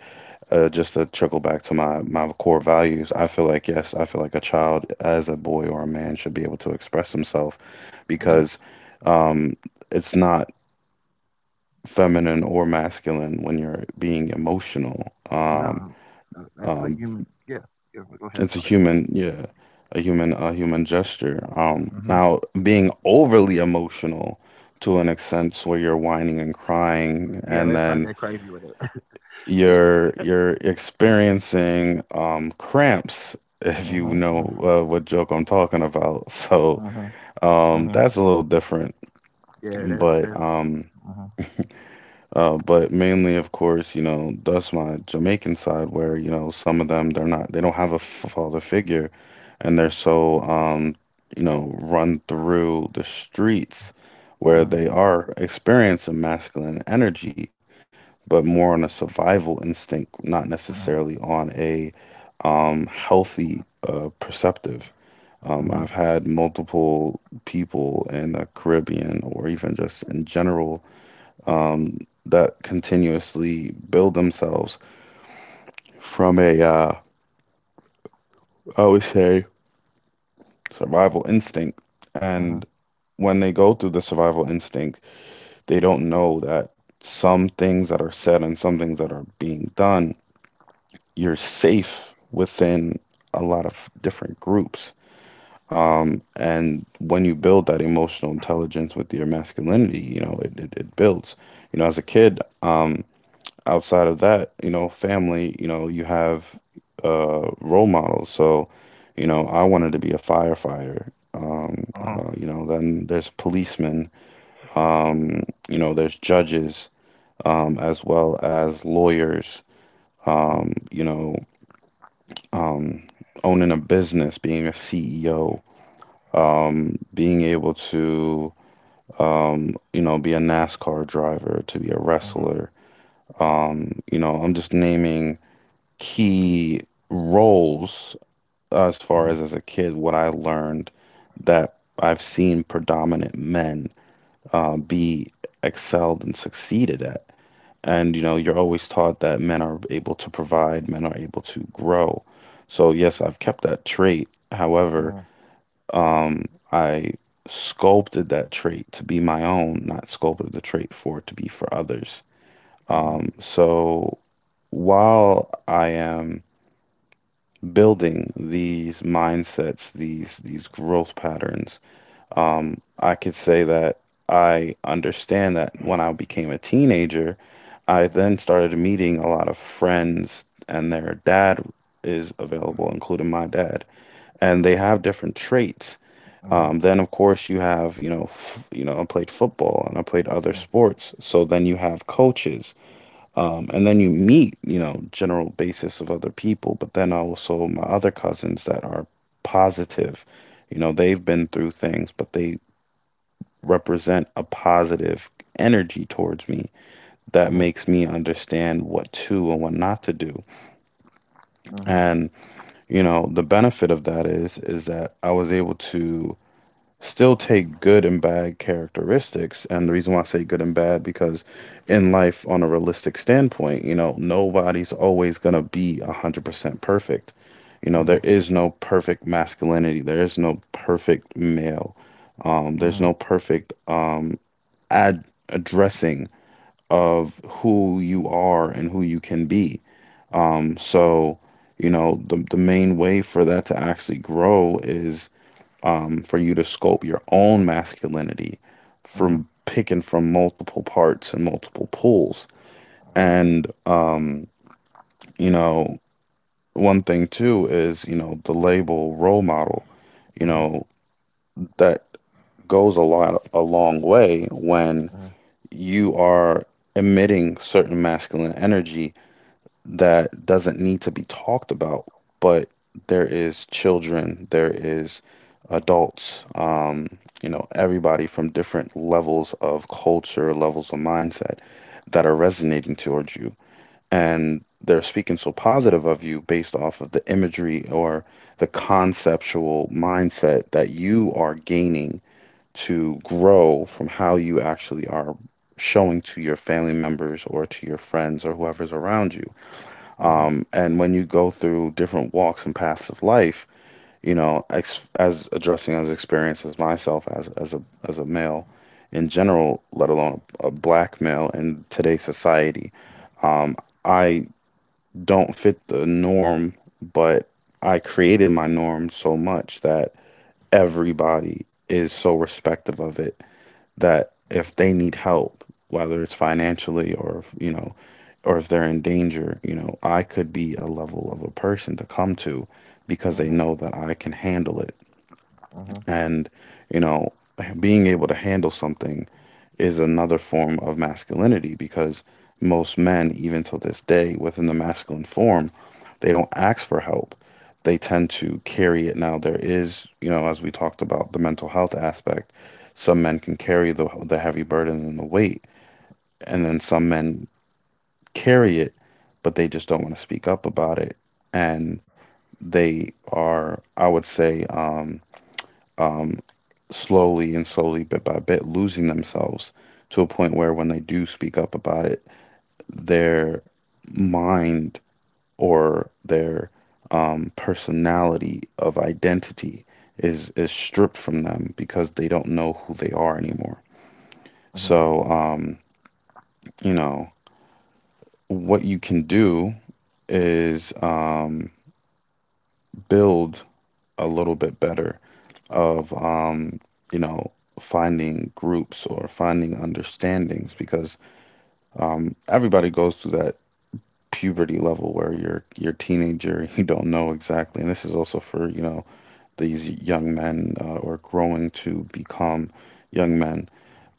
[SPEAKER 2] just to trickle back to my core values, I feel like, yes, I feel like a child as a boy or a man should be able to express himself,
[SPEAKER 1] mhm.
[SPEAKER 2] because um, it's not feminine or masculine when you're being emotional.
[SPEAKER 1] No, that's a
[SPEAKER 2] Um,
[SPEAKER 1] human. Yeah, yeah. Well, go ahead,
[SPEAKER 2] it's a
[SPEAKER 1] sorry.
[SPEAKER 2] human, yeah, a human gesture.
[SPEAKER 1] Mhm.
[SPEAKER 2] Now, being overly emotional to an extent where you're
[SPEAKER 1] Yeah,
[SPEAKER 2] whining and crying,
[SPEAKER 1] yeah.
[SPEAKER 2] and
[SPEAKER 1] Let's not
[SPEAKER 2] then
[SPEAKER 1] get crazy with it. Yeah.
[SPEAKER 2] you're experiencing cramps, if you
[SPEAKER 1] Uh huh.
[SPEAKER 2] know what joke I'm talking about. So
[SPEAKER 1] Uh huh. Uh huh.
[SPEAKER 2] that's a little different,
[SPEAKER 1] Yeah. That's
[SPEAKER 2] but
[SPEAKER 1] that's.
[SPEAKER 2] um
[SPEAKER 1] Uh huh.
[SPEAKER 2] but mainly, of course, that's my Jamaican side, where, some of them, they don't have a father figure, and they're so run through the streets,
[SPEAKER 1] Uh
[SPEAKER 2] where
[SPEAKER 1] huh.
[SPEAKER 2] they are experiencing masculine energy, but more on a survival instinct, not
[SPEAKER 1] Uh
[SPEAKER 2] necessarily
[SPEAKER 1] huh.
[SPEAKER 2] on a healthy perceptive.
[SPEAKER 1] Uh
[SPEAKER 2] I've
[SPEAKER 1] huh.
[SPEAKER 2] had multiple people in the Caribbean, or even just in general, um, that continuously build themselves from a, I would say, survival instinct.
[SPEAKER 1] Uh huh.
[SPEAKER 2] And when they go through the survival instinct, they don't know that some things that are said and some things that are being done, you're safe within a lot of different groups. And when you build that emotional intelligence with your masculinity, it builds. As a kid, outside of that, family, you have role models. So, I wanted to be a firefighter.
[SPEAKER 1] Uh huh.
[SPEAKER 2] Then there's policemen. Um, there's judges, as well as lawyers. Um, you know, um, Owning a business, being a CEO, being able to, be a NASCAR driver, to be a
[SPEAKER 1] Uh huh.
[SPEAKER 2] wrestler. I'm just naming key roles, as
[SPEAKER 1] Uh
[SPEAKER 2] far as
[SPEAKER 1] huh.
[SPEAKER 2] as a kid, what I learned that I've seen predominant men be excelled and succeeded at. And you're always taught that men are able to provide, men are able to grow. So yes, I've kept that trait.
[SPEAKER 1] Uh
[SPEAKER 2] However,
[SPEAKER 1] huh.
[SPEAKER 2] um, I sculpted that trait to be my own, not sculpted the trait for it to be for others.
[SPEAKER 1] Uh huh.
[SPEAKER 2] So while I am building these mindsets, these growth patterns, I could say that I understand that when I became a teenager. I
[SPEAKER 1] Uh huh.
[SPEAKER 2] then started meeting a lot of friends, and their dad is available, including my dad, and they have different traits.
[SPEAKER 1] Uh huh.
[SPEAKER 2] Then, of course, you have, I played football and I played other sports. So then you have coaches, and then you meet, general basis of other people. But then also my other cousins that are positive, they've been through things, but they represent a positive energy towards me
[SPEAKER 1] Uh
[SPEAKER 2] that
[SPEAKER 1] huh.
[SPEAKER 2] makes me understand what to and what not to do.
[SPEAKER 1] Uh huh. Uh huh.
[SPEAKER 2] And the benefit of that is that I was able to still take good and bad characteristics. And the reason why I say good and bad, because in life, on a realistic standpoint, nobody's always going to be 100% perfect.
[SPEAKER 1] Uh huh.
[SPEAKER 2] There is no perfect masculinity. There is no perfect male.
[SPEAKER 1] Uh huh.
[SPEAKER 2] There's no perfect ad addressing of who you are and who you can be. So, the main way for that to actually grow is for you to sculpt your own masculinity
[SPEAKER 1] Uh
[SPEAKER 2] from picking from multiple parts and multiple pools. And, you know, one thing too is, the label role model, you know, that goes a long way when you are emitting certain masculine energy that doesn't need to be talked about, but there is children, there is adults, everybody from different levels of culture, levels of mindset that are resonating towards you. And they're speaking so positive of you based off of the imagery or the conceptual mindset that you are gaining, to grow from how you actually are showing to your family members or to your friends or whoever's around you.
[SPEAKER 1] huh.
[SPEAKER 2] And when you go through different walks and paths of life, ex as addressing as experience as myself as a male in general, let alone a black male in today's society, um, I don't fit the norm, but I created my norm so much that everybody is so respective of it, that if they need help, whether it's financially or, or if they're in danger, I could be a level of a person to come to, because
[SPEAKER 1] Uh
[SPEAKER 2] they
[SPEAKER 1] huh.
[SPEAKER 2] know that I can handle it.
[SPEAKER 1] Uh huh.
[SPEAKER 2] And, you know, being able to handle something is another form of masculinity, because most men, even till this day, within the masculine form, they don't ask for help. They tend to carry it. Now, there is, as we talked about the mental health aspect, some men can carry the heavy burden and the weight, and then some men carry it, but they just don't want to speak up about it. And they are, I would say, um, slowly and slowly, bit by bit, losing themselves to a point where when they do speak up about it, their mind or their personality of identity is stripped from them, because they don't know who they are anymore.
[SPEAKER 1] Uh-huh.
[SPEAKER 2] So, you know, what you can do is build a little bit better of you know finding groups or finding understandings, because everybody goes through that puberty level where you're a teenager. You don't know exactly, and this is also for, these young men, or growing to become young men.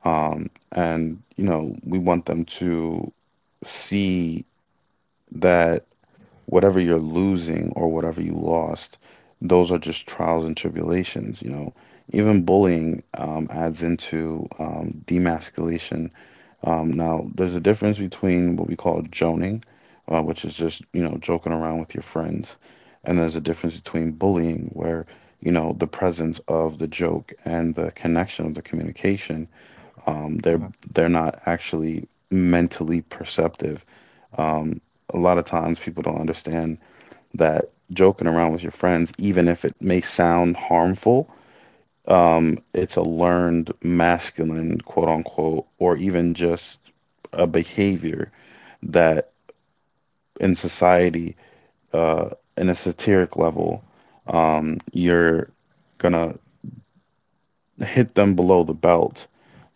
[SPEAKER 2] And we want them to see that whatever you're losing or whatever you lost, those are just trials and tribulations. Even bullying adds into demasculation. Now, there's a difference between what we call joning, which is just, you know, joking around with your friends, and there's a difference between bullying, where, you know, the presence of the joke and the connection of the communication,
[SPEAKER 1] Uh-huh.
[SPEAKER 2] um, they're they're not actually mentally perceptive. Um, a lot of times people don't understand that joking around with your friends, even if it may sound harmful, it's a learned masculine, quote unquote, or even just a behavior that in society, uh, in a satiric level, you're gonna hit them below the belt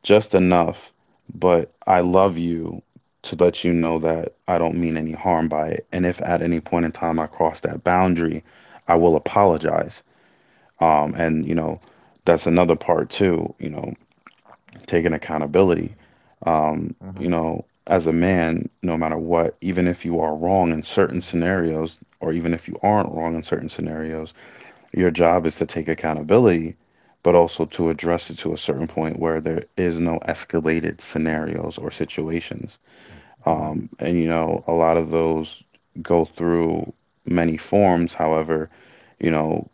[SPEAKER 2] just enough, but I love you to let you know that I don't mean any harm by it. And if at any point in time I cross that boundary, I will apologize. And you know, that's another part too. You know, taking accountability.
[SPEAKER 1] Uh-huh.
[SPEAKER 2] You know, as a man, no matter what, even if you are wrong in certain scenarios, or even if you aren't wrong in certain scenarios, your job is to take accountability, but also to address it to a certain point where there is no escalated scenarios or situations.
[SPEAKER 1] Uh-huh.
[SPEAKER 2] And, you know, a lot of those go through many forms. However, you know,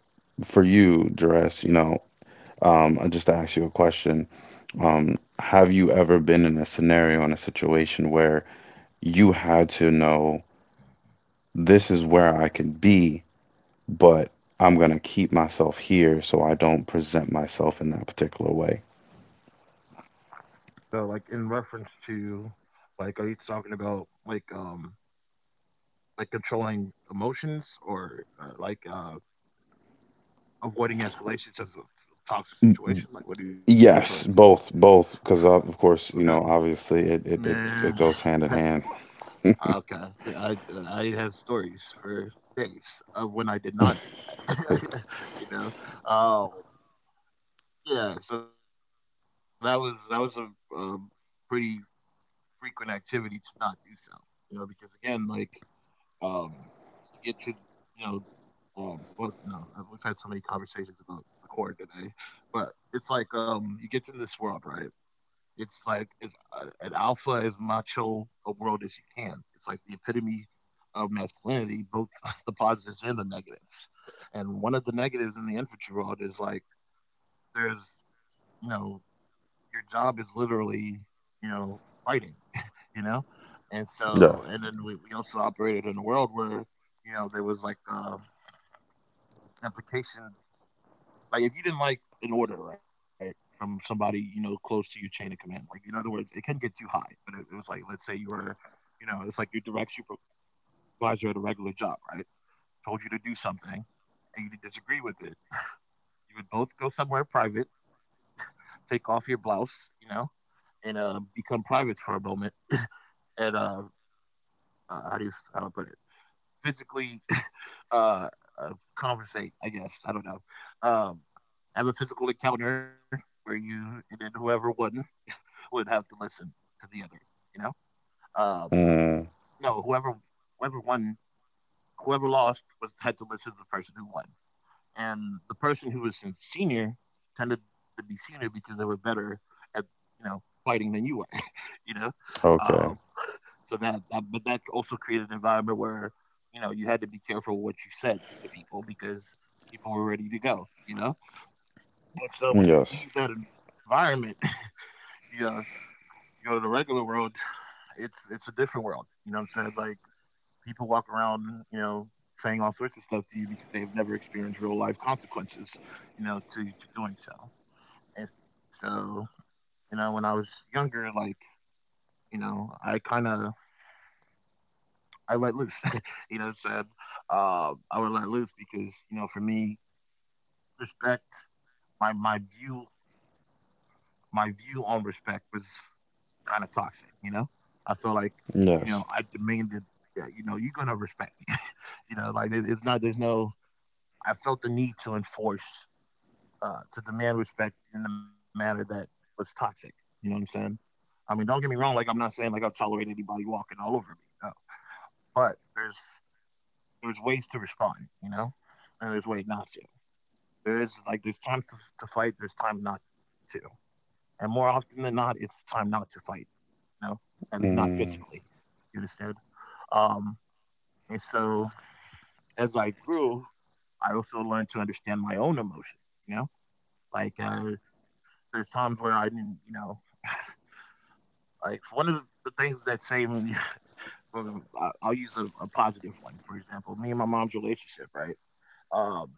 [SPEAKER 2] for you, Jerez, you know, just to ask you a question, have you ever been in a scenario in a situation where you had to know this is where I can be, but I'm gonna keep myself here so I don't present myself in that particular way?
[SPEAKER 1] So like in reference to, like, are you talking about like controlling emotions or avoiding escalations of a toxic situation? Like what are you referring to?
[SPEAKER 2] Yes, both, both, because of
[SPEAKER 1] Okay.
[SPEAKER 2] course, you know, obviously it it it,
[SPEAKER 1] Man.
[SPEAKER 2] it goes hand in hand.
[SPEAKER 1] Okay. Yeah, I have stories for days of when I did not do that. You know. Oh, yeah, so that was a, um pretty frequent activity to not do so. You know, because again, like Um, you get to you know, well, no, we've had so many conversations about the core today, but it's like, you get to this world, right? It's like it's an alpha as macho a world as you can. It's like the epitome of masculinity, both the positives and the negatives. And one of the negatives in the infantry world is like there's you know your job is literally, you know, fighting, you know? And
[SPEAKER 2] Yeah.
[SPEAKER 1] so, and then we also operated in a world where, you know, there was like implication, like if you didn't like an order, right, from somebody, you know, close to your chain of command, like in other words, it can get you high, but it was like, let's say you were, you know, it's like your direct supervisor at a regular job, right, told you to do something and you disagree with it. You would both go somewhere private, take off your blouse, you know, and become privates for a moment and how do you how do I put it? Physically uh, uh conversate, I guess. I don't know. Um have a physical encounter where you and then whoever won would have to listen to the other, you know? Uh
[SPEAKER 2] Mm,
[SPEAKER 1] no, whoever whoever won whoever lost was had to listen to the person who won. And the person who was senior tended to be senior because they were better at, you know, fighting than you were, you know? Uh
[SPEAKER 2] okay.
[SPEAKER 1] So that but that also created an environment where you know you had to be careful what you said to people because people were ready to go. You know, and so when you
[SPEAKER 2] Yes.
[SPEAKER 1] leave that environment, you know, you go to the regular world. It's a different world. You know what I'm saying? Like people walk around, you know, saying all sorts of stuff to you because they've never experienced real life consequences, you know, to doing so. And so, you know, when I was younger, like, you know, I kind of I let loose. You know what I'm saying? I would let loose because, you know, for me, respect my my view my view on respect was kind of toxic, you know? I felt like, you know,
[SPEAKER 2] Yes.
[SPEAKER 1] I demanded that, you know, you're gonna respect me. You know, like it, it's not there's no I felt the need to enforce to demand respect in a manner that was toxic. You know what I'm saying? I mean, don't get me wrong, like I'm not saying like I'll tolerate anybody walking all over me. No. But there's ways to respond, you know, and there's ways not to. There is like there's times to fight, there's time not to, and more often than not, it's time not to fight. You know, at least not
[SPEAKER 2] Mm,
[SPEAKER 1] physically. You understand? Um, and so as I grew, I also learned to understand my own emotions. You know, like there's times where I didn't, you know, like one of the things that saved me. I'll use a positive one, for example. Me and my mom's relationship, right? Um,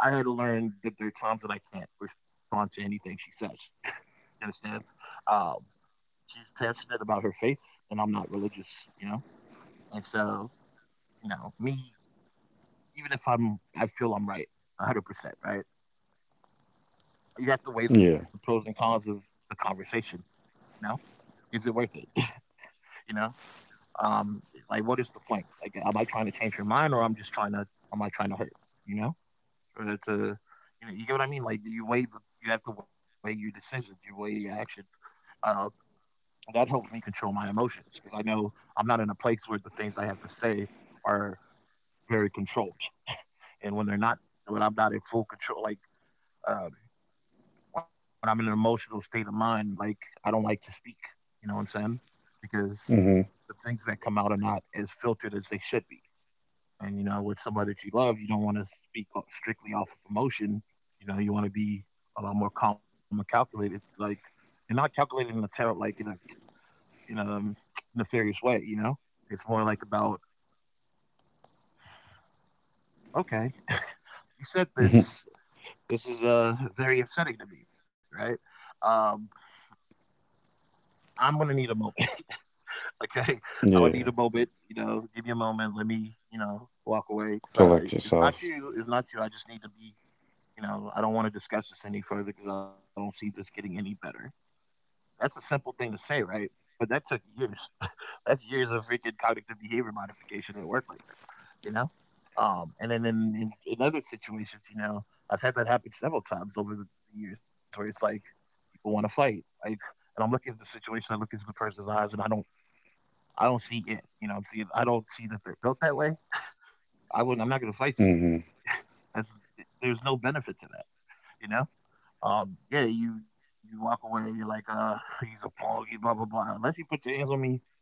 [SPEAKER 1] I had to learn that there are times that I can't respond to anything she says. You understand? Um, she's passionate about her faith, and I'm not religious, you know? And so, you know, me, even if I'm, I feel I'm right, 100%, right? You have to weigh
[SPEAKER 2] yeah.
[SPEAKER 1] the pros and cons of the conversation, you know? Is it worth it? You know? Um, like, what is the point? Like, am I trying to change her mind, or I'm just trying to, am I trying to hurt, you know? Or to, you know, you get what I mean? Like, do you weigh the, you have to weigh your decisions, you weigh your actions. Um, that helps me control my emotions because I know I'm not in a place where the things I have to say are very controlled. And when they're not, when I'm not in full control, like um, when I'm in an emotional state of mind, like I don't like to speak. You know what I'm saying? Because
[SPEAKER 2] Mm-hmm.
[SPEAKER 1] the things that come out are not as filtered as they should be. And you know, with somebody that you love, you don't want to speak strictly off of emotion. You know, you want to be a lot more calm and calculated, like and not calculated in a terrible, like in a nefarious way, you know? It's more like about, okay, you said this. This is very upsetting to me, right? Um, I'm going to need a moment, okay? I would need a
[SPEAKER 2] Yeah.
[SPEAKER 1] moment, you know, give me a moment. Let me, you know, walk away because
[SPEAKER 2] Collect
[SPEAKER 1] it's not
[SPEAKER 2] yourself.
[SPEAKER 1] you. It's not you. I just need to be, you know, I don't want to discuss this any further because I don't see this getting any better. That's a simple thing to say, right? But that took years. That's years of freaking cognitive behavior modification at work right there. You know? And then in other situations, you know, I've had that happen several times over the years where it's like people want to fight, like, and I'm looking at the situation, I look into the person's eyes, and I don't see it. You know, I'm seeing, I don't see that they're built that way. I'm not going to fight you.
[SPEAKER 2] Mm-hmm.
[SPEAKER 1] That's, there's no benefit to that. You know, yeah, you walk away, you're like, he's a punk, blah blah blah. Unless you put your hands on me,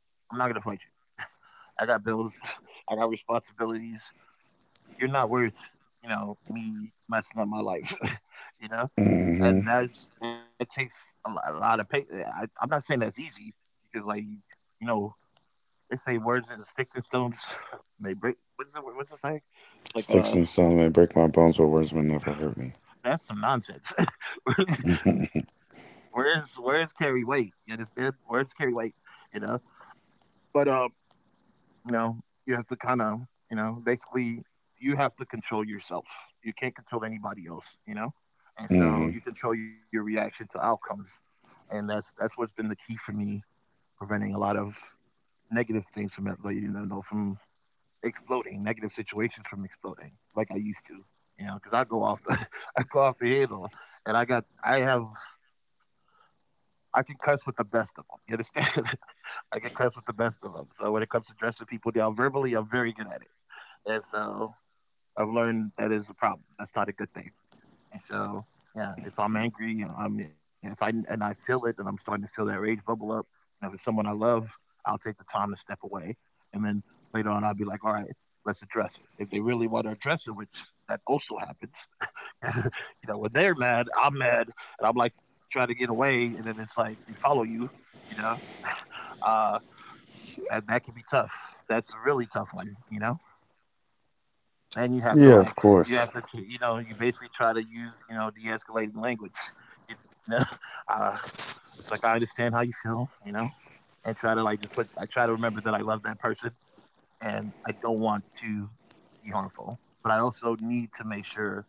[SPEAKER 1] I'm not going to fight you. I got bills, I got responsibilities. You're not worth, you know, me messing up my life, you know?
[SPEAKER 2] Hmm.
[SPEAKER 1] And that's, that takes a, a lot of patience. I'm not saying that's easy because, like, you know, they say words and sticks and stones may break. What's the saying? It's like,
[SPEAKER 2] Sticks and stones may break my bones, but words may never hurt me.
[SPEAKER 1] that's some nonsense. Words, words carry weight. You understand? Words carry weight, you know? But, you know, you have to kind of, you know, basically you have to control yourself. You can't control anybody else, you know? And so
[SPEAKER 2] Hmm.
[SPEAKER 1] you control your reaction to outcomes. And that's what's been the key for me preventing a lot of negative things from it, like, from exploding, negative situations from exploding like I used to. You know, because I go off the I go off the handle and I got I have I can cuss with the best of them. You understand? I can cuss with the best of them. So when it comes to dressing people down verbally, I'm very good at it. And so I've learned that is a problem. That's not a good thing. And so yeah, if I'm angry, I'm if I and I feel it, and I'm starting to feel that rage bubble up. You know, if it's someone I love, I'll take the time to step away, and then later on, I'll be like, all right, let's address it. If they really want to address it, which that also happens, you know, when they're mad, I'm mad, and I'm like trying to get away, and then it's like they follow you, you know. Uh, that can be tough. That's a really tough one. And you have to
[SPEAKER 2] Yeah, of
[SPEAKER 1] you
[SPEAKER 2] course.
[SPEAKER 1] have to, you basically try to use, de-escalating language, you know. Uh, it's like I understand how you feel, and try to like just put. I try to remember that I love that person, and I don't want to be harmful, but I also need to make sure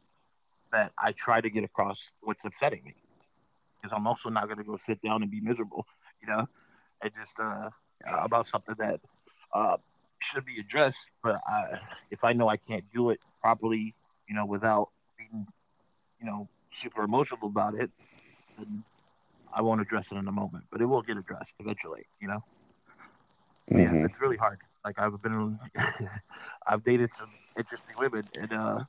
[SPEAKER 1] that I try to get across what's upsetting me because I'm also not going to go sit down and be miserable, you know, and just about something that uh, should be addressed. But if I know I can't do it properly, without being, super emotional about it, then I won't address it in the moment, but it will get addressed eventually, you know? But yeah, that's
[SPEAKER 2] Hmm.
[SPEAKER 1] really hard. Like I've been, I've dated some interesting women, and uh,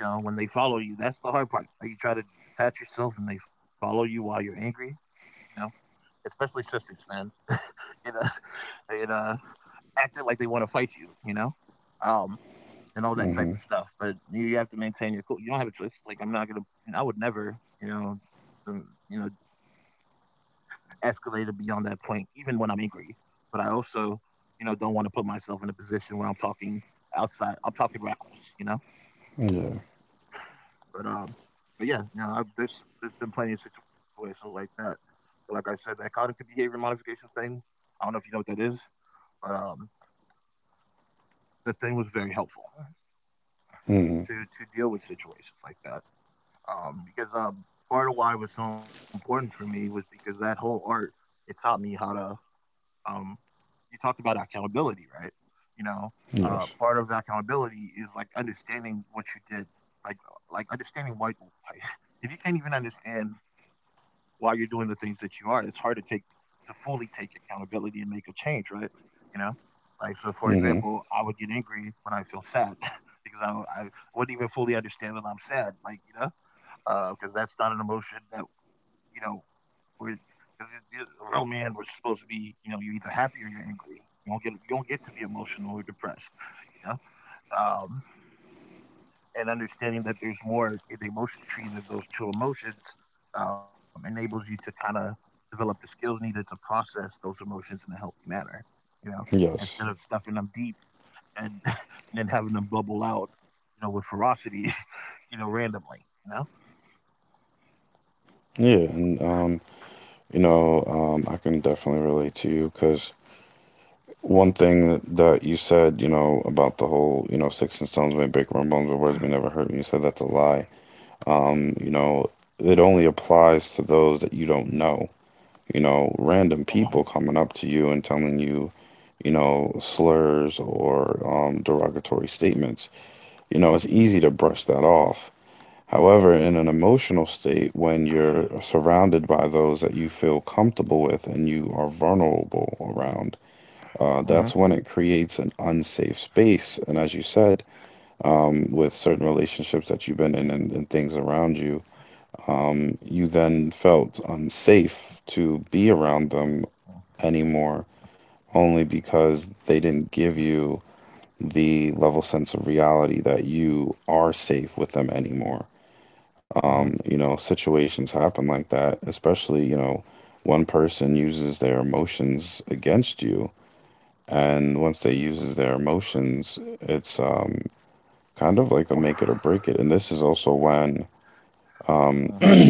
[SPEAKER 1] you know, when they follow you, that's the hard part. Like you try to detach yourself, and they follow you while you're angry. You know, Especially sisters, man. you know, and acting like they want to fight you. Um, and all that
[SPEAKER 2] Hmm.
[SPEAKER 1] type of stuff. But you have to maintain your cool. You don't have a choice. Like I'm not gonna. I would never. Um, you know, escalated beyond that point, even when I'm angry. But I also, don't want to put myself in a position where I'm talking outside. I'm talking reckless.
[SPEAKER 2] Yeah.
[SPEAKER 1] But um, but yeah, there's been plenty of situations like that. But like I said, that cognitive behavior modification thing. I don't know if you know what that is, but the thing was very helpful
[SPEAKER 2] Hmm.
[SPEAKER 1] to deal with situations like that. Because part of why it was so important for me was because that whole art it taught me how to Um, you talked about accountability, right? You know,
[SPEAKER 2] Yes.
[SPEAKER 1] Part of accountability is like understanding what you did, like like understanding why. Why- If you can't even understand why you're doing the things that you are, it's hard to fully take accountability and make a change, right? You know, like so. For
[SPEAKER 2] Hmm.
[SPEAKER 1] example, I would get angry when I feel sad because I wouldn't even fully understand that I'm sad, like because that's not an emotion that you know because it romance was supposed to be, you're either happy or you're angry. You don't get to be emotional or depressed, you know? Um, and understanding that there's more in the emotion tree than those two emotions, enables you to kinda develop the skills needed to process those emotions in a healthy manner, you know,
[SPEAKER 2] Yes.
[SPEAKER 1] instead of stuffing them deep and and then having them bubble out, with ferocity, randomly, you know?
[SPEAKER 2] Yeah, and you know, I can definitely relate to you because one thing that, that you said, you know, about the whole, you know, sticks and stones may break my bones, but words may never hurt me. You said that's a lie. You know, it only applies to those that you don't know. You know, random
[SPEAKER 1] Mhm.
[SPEAKER 2] people coming up to you and telling you you know, slurs or derogatory statements. You know, it's easy to brush that off. However, in an emotional state, when you're surrounded by those that you feel comfortable with and you are vulnerable around,
[SPEAKER 1] Mhm.
[SPEAKER 2] that's when it creates an unsafe space. And as you said, with certain relationships that you've been in and things around you, you then felt unsafe to be
[SPEAKER 1] Mhm.
[SPEAKER 2] around them anymore only because they didn't give you the level sense of reality that you are safe with them anymore.
[SPEAKER 1] Mhm.
[SPEAKER 2] You know, situations happen like that, especially, you know, one person uses their emotions against you, and once they uses their emotions, it's kind of like a make it or break it. And this is also um,
[SPEAKER 1] Mhm.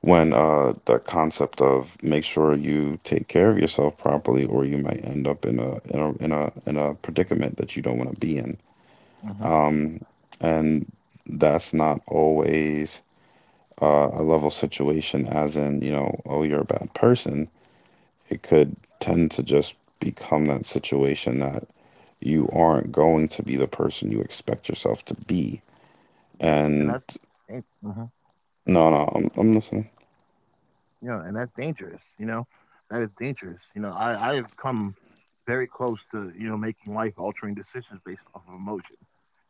[SPEAKER 2] when the concept of make sure you take care of yourself properly, or you might end up in a predicament that you don't want to be in.
[SPEAKER 1] Mhm.
[SPEAKER 2] Um, and that's not always a level situation, as in, you know, oh, you're a bad person. It could tend to just become that situation that you aren't going to be the person you expect yourself to be.
[SPEAKER 1] Yep, and
[SPEAKER 2] And
[SPEAKER 1] that's dan mhm,
[SPEAKER 2] no, no, I'm listening.
[SPEAKER 1] yeah, and that's dangerous, you know? That is dangerous, you know? I have come very close to, making life-altering decisions based off of emotion,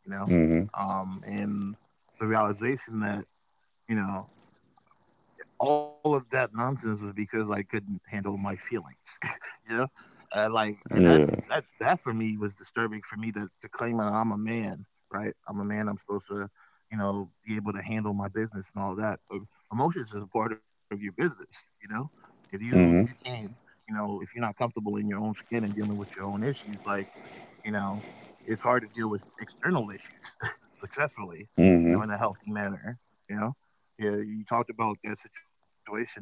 [SPEAKER 1] you know?
[SPEAKER 2] Mm-hmm.
[SPEAKER 1] And the realization that, you know all of that nonsense was because I couldn't handle my feelings. you know, like and that's
[SPEAKER 2] Yeah.
[SPEAKER 1] that that for me was disturbing for me to claim that I'm a man, right? I'm a man. I'm supposed to, be able to handle my business and all that. But emotions is a part of your business. If you
[SPEAKER 2] Mm-hmm.
[SPEAKER 1] can't, if you're not comfortable in your own skin and dealing with your own issues, like you know, it's hard to deal with external issues successfully,
[SPEAKER 2] Mm-hmm.
[SPEAKER 1] in a healthy manner, you know? Yeah, you talked about that situation, um,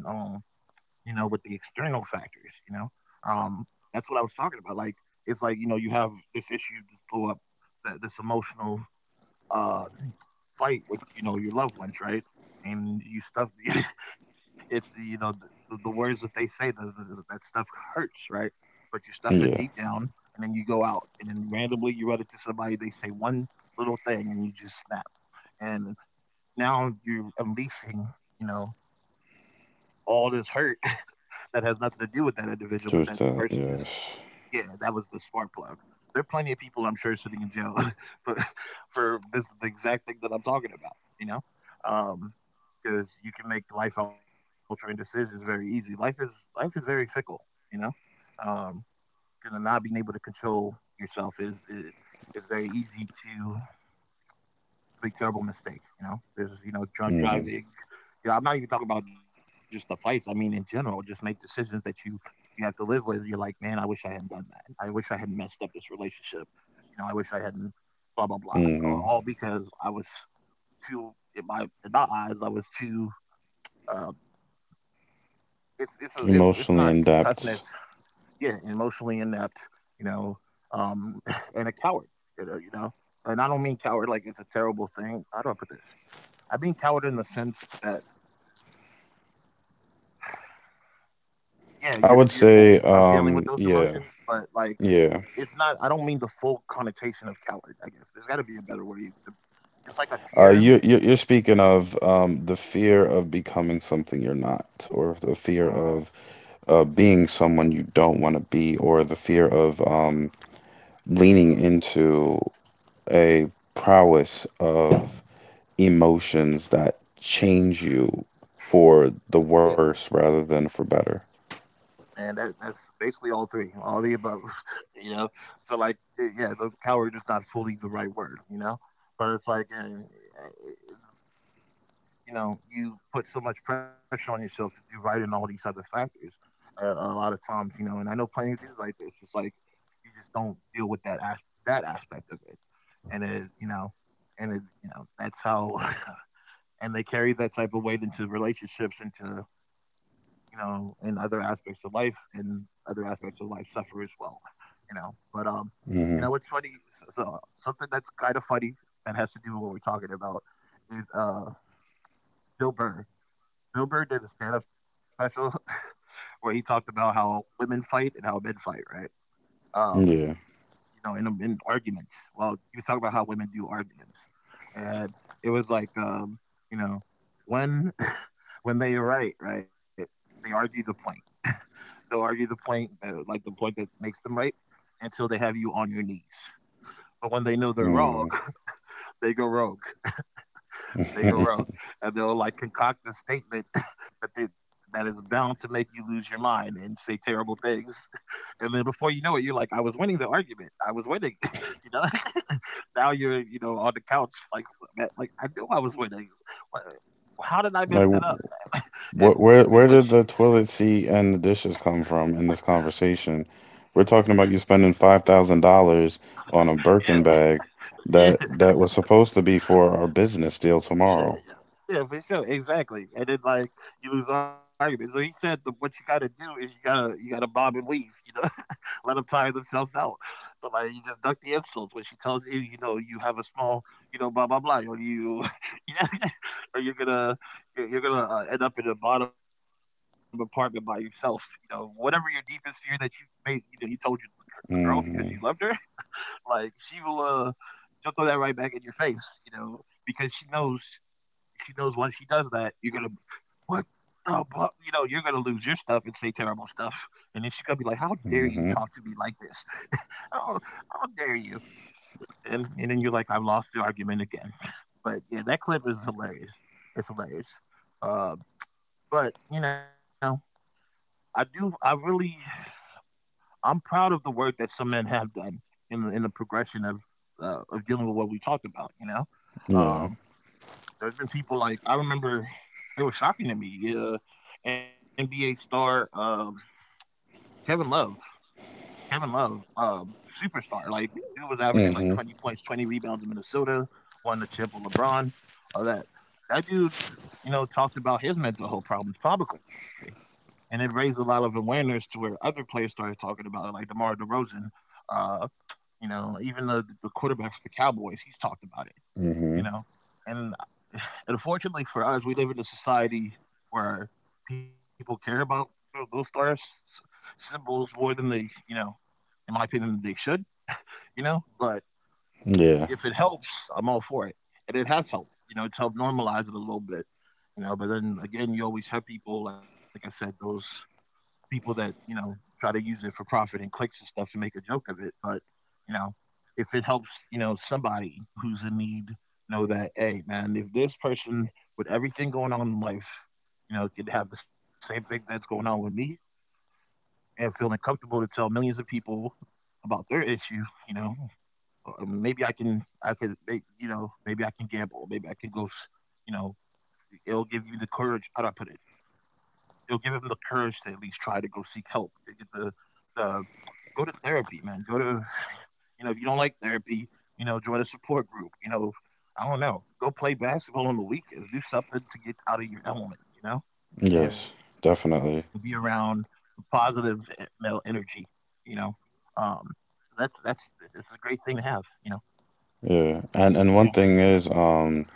[SPEAKER 1] you know, with the external factors, you know? Um, that's what I was talking about. Like, it's like, you have this issue just blow up, that this emotional uh, fight with your loved ones, right? And you stuff the, it's the words that they say that stuff hurts, right? But you stuff it deep
[SPEAKER 2] Yeah.
[SPEAKER 1] down, and then you go out, and then randomly you run into somebody. They say one little thing, and you just snap. And now you're unleashing, you know, all this hurt that has nothing to do with that individual, but that
[SPEAKER 2] Towards
[SPEAKER 1] person
[SPEAKER 2] that,
[SPEAKER 1] just
[SPEAKER 2] yes.
[SPEAKER 1] yeah, that was the spark plug. There are plenty of people I'm sure sitting in jail for, for this the exact thing that I'm talking about, you know? Um, because you can make life altering decisions very easy. Life is very fickle, you know? Um, and not being able to control yourself is very easy to make terrible mistakes. There's drunk
[SPEAKER 2] Mm-hmm.
[SPEAKER 1] driving. I'm not even talking about just the fights. I mean, in general, just make decisions that you have to live with. You're like, man, I wish I hadn't done that. I wish I hadn't messed up this relationship. I wish I hadn't blah blah blah. All
[SPEAKER 2] Mm-hmm.
[SPEAKER 1] all because I was too in my eyes, I was too. Um, it's a, it's it's not
[SPEAKER 2] Emotionally in
[SPEAKER 1] toughness.
[SPEAKER 2] depth.
[SPEAKER 1] Yeah, emotionally inept. You know, um, and a coward. You know, you know, and I don't mean coward like it's a terrible thing. How do I put this? I mean coward in the sense that yeah, you're
[SPEAKER 2] I would
[SPEAKER 1] fearful
[SPEAKER 2] say,
[SPEAKER 1] of dealing with those emotions,
[SPEAKER 2] yeah,
[SPEAKER 1] but like
[SPEAKER 2] yeah.
[SPEAKER 1] it's not. I don't mean the full connotation of coward. I guess there's got to be a better way. It's like a
[SPEAKER 2] Uh,
[SPEAKER 1] fear.
[SPEAKER 2] you're you're you're speaking of the fear of becoming something you're not, or the
[SPEAKER 1] Hmm.
[SPEAKER 2] fear of being someone you don't want to be, or the fear of leaning into a prowess of emotions that change you for
[SPEAKER 1] Yeah,
[SPEAKER 2] the worse rather than for better.
[SPEAKER 1] and that's basically all three, all the above. You know, so like yeah, the coward is not fully the right word. But it's like eh, you put so much pressure on yourself to do right in all these other factors. A lot of times, and I know plenty of dudes like this. It's like you just don't deal with that aspect of it, and that's how, and they carry that type of weight into relationships, into, in other aspects of life, and other aspects of life suffer as well. But what's
[SPEAKER 2] Hmm.
[SPEAKER 1] funny? So something that's kind of funny that has to do with what we're talking about is Bill Burr. Bill Burr did a stand-up special where he talked about how women fight and how men fight, right? Um,
[SPEAKER 2] Yeah.
[SPEAKER 1] in arguments. Well, he was talking about how women do arguments, and it was like, you know, when when they are right, right, they argue the point. They'll argue the point, like the point that makes them right, until they have you on your knees. But when they know they're wrong,
[SPEAKER 2] Mm.
[SPEAKER 1] they go rogue. They go wrong, and they'll like concoct a statement that is bound to make you lose your mind and say terrible things. And then before you know it, you're like, "I was winning the argument. I was winning." you know, now you're on the couch like, "Man, like I knew I was winning. Wha- How did I mess
[SPEAKER 2] Like,
[SPEAKER 1] that up?" And
[SPEAKER 2] what,
[SPEAKER 1] b-
[SPEAKER 2] where,
[SPEAKER 1] but
[SPEAKER 2] where
[SPEAKER 1] she,
[SPEAKER 2] did the toilet seat and the dishes come from in this conversation? We're talking about you spending $5,000 on a
[SPEAKER 1] yeah,
[SPEAKER 2] Birkin bag that
[SPEAKER 1] yeah,
[SPEAKER 2] that was supposed to be for our business deal
[SPEAKER 1] yeah,
[SPEAKER 2] tomorrow.
[SPEAKER 1] yeah. Yeah, for sure, exactly. And then like you lose the argument. So he said, "What you got to do is you gotta bob and weave, you know." Let them tire themselves out. So like you just duck the insults when she tells you, you know, you have a small, blah blah blah, or you, or you're gonna end up in a bottom apartment by yourself. You know, whatever your deepest fear that you made, you know, you told the girl because you loved
[SPEAKER 2] Hmm.
[SPEAKER 1] her, like she will, she'll throw that right back in your face. You know, because she knows once she does that, you're gonna. What the, bu-" you know, you're gonna lose your stuff and say terrible stuff, and then she's gonna be like, "How dare you
[SPEAKER 2] Hmm.
[SPEAKER 1] talk to me like this?" How, how dare you? and then you're like, I've lost the argument again. But yeah, that clip is hilarious. It's hilarious. Uh, but you know, I do. I really, I'm proud of the work that some men have done in the progression of dealing with what we talked about. You know,
[SPEAKER 2] Yeah.
[SPEAKER 1] um, there's been people like I remember. It was shocking to me. NBA star Kevin Love. Kevin Love, um, superstar. Like he was averaging like
[SPEAKER 2] Hmm.
[SPEAKER 1] 20 points, 20 rebounds in Minnesota, won the chip with LeBron, all that. That dude, you know, talked about his mental health problems publicly, and it raised a lot of awareness to where other players started talking about it, like DeMar DeRozan. Uh, you know, even the quarterback for the Cowboys, he's talked about it.
[SPEAKER 2] Hmm.
[SPEAKER 1] You know, and unfortunately for us, we live in a society where people care about those stars symbols more than they, you know, in my opinion, they should, you know, but
[SPEAKER 2] Yeah.
[SPEAKER 1] if it helps, I'm all for it. And it has helped, you know, it's helped normalize it a little bit, you know, but then again, you always have people, like I said, those people that, you know, try to use it for profit and clicks and stuff and make a joke of it. But, you know, if it helps, you know, somebody who's in need know that, hey, man, if this person with everything going on in life, you know, could have the same thing that's going on with me and feeling comfortable to tell millions of people about their issue, you know, maybe I could make you know maybe I can gamble maybe I can you know it'll give you the courage how do I put it it'll give them the courage to at least try to go seek help to get the go to therapy man go to you know if you don't like therapy you know join a support group you know I don't know go play basketball on the weekends do something to get out of your element you know
[SPEAKER 2] Yes,
[SPEAKER 1] and be around
[SPEAKER 2] definitely.
[SPEAKER 1] positive male energy you know um that's it's a great thing to have you know
[SPEAKER 2] Yeah.
[SPEAKER 1] yeah.
[SPEAKER 2] And one thing is,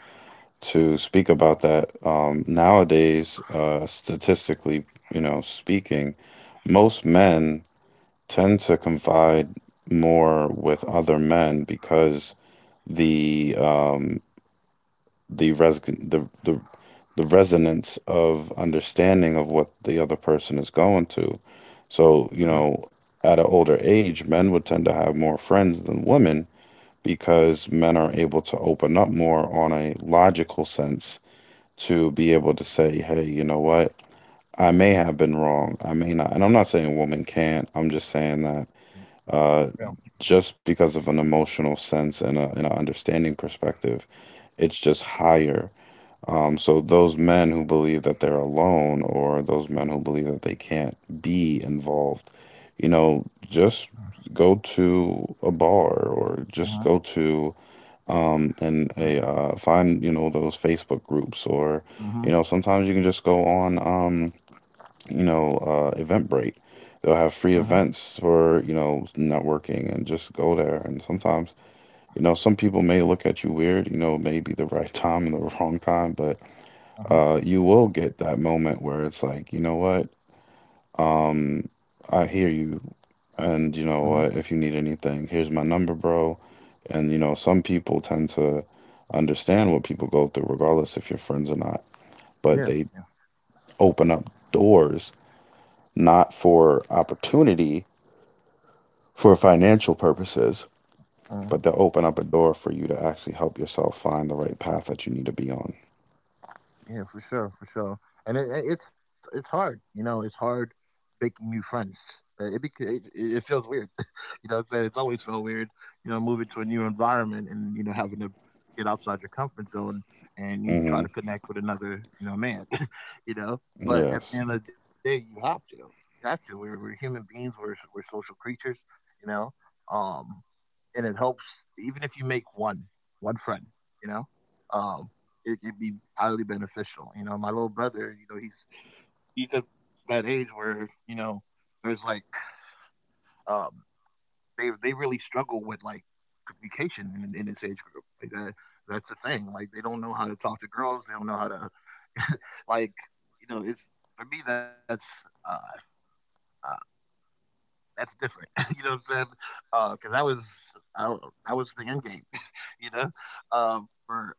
[SPEAKER 2] to speak about that, nowadays, statistically, you know, speaking, most men tend to confide more with other men because the um the res the the the resonance of understanding of what the other person is going to. So,
[SPEAKER 1] Mhm.
[SPEAKER 2] you know, at an older age, men would tend to have more friends than women because men are able to open up more on a logical sense to be able to say, hey, you know what? I may have been wrong. I may not. And I'm not saying women can't. I'm just saying that
[SPEAKER 1] Mm, yeah.
[SPEAKER 2] uh, just because of an emotional sense and a and an understanding perspective. It's just higher. So those men who believe that they're alone, or those men who believe that they can't be involved, you know, just go to a bar or just
[SPEAKER 1] Mhm.
[SPEAKER 2] go to and
[SPEAKER 1] Yeah.
[SPEAKER 2] a find you know those Facebook groups or
[SPEAKER 1] Mhm.
[SPEAKER 2] you know sometimes you can just go on you know, Eventbrite. They'll have free
[SPEAKER 1] Mhm.
[SPEAKER 2] events for, you know, networking and just go there. And sometimes, you know, some people may look at you weird, you know, maybe the right time and the wrong time, but
[SPEAKER 1] Mhm.
[SPEAKER 2] you will get that moment where it's like, you know what? Um, I hear you. And you know
[SPEAKER 1] Mhm.
[SPEAKER 2] what? If you need anything, here's my number, bro. And, you know, some people tend to understand what people go through, regardless if you're friends or not, but
[SPEAKER 1] Yeah.
[SPEAKER 2] they
[SPEAKER 1] Yeah.
[SPEAKER 2] open up doors not for opportunity for financial purposes,
[SPEAKER 1] Mhm.
[SPEAKER 2] but they'll open up a door for you to actually help yourself find the right path that you need to be on.
[SPEAKER 1] Yeah. For sure. For sure. And it's hard. You know, it's hard making new friends. It it feels weird. You know what I'm saying? It's always felt weird, you know, moving to a new environment and, you know, having to get outside your comfort zone and you try
[SPEAKER 2] Hmm.
[SPEAKER 1] to connect with another, you know, man, you know? But at the
[SPEAKER 2] Yes.
[SPEAKER 1] end of the day, you have to. You have to. We're human beings, we're social creatures, you know? Um, and it helps, even if you make one friend, you know? Um, it can be highly beneficial. You know, my little brother, you know, he's at that age where, you know, there's like um they really struggle with like communication in this age group. Like that's the thing. Like they don't know how to talk to girls. They don't know how to, like, you know it's for me uh, uh that's different. you know what I'm saying? Because that was I, don't- that was the end game. You know, for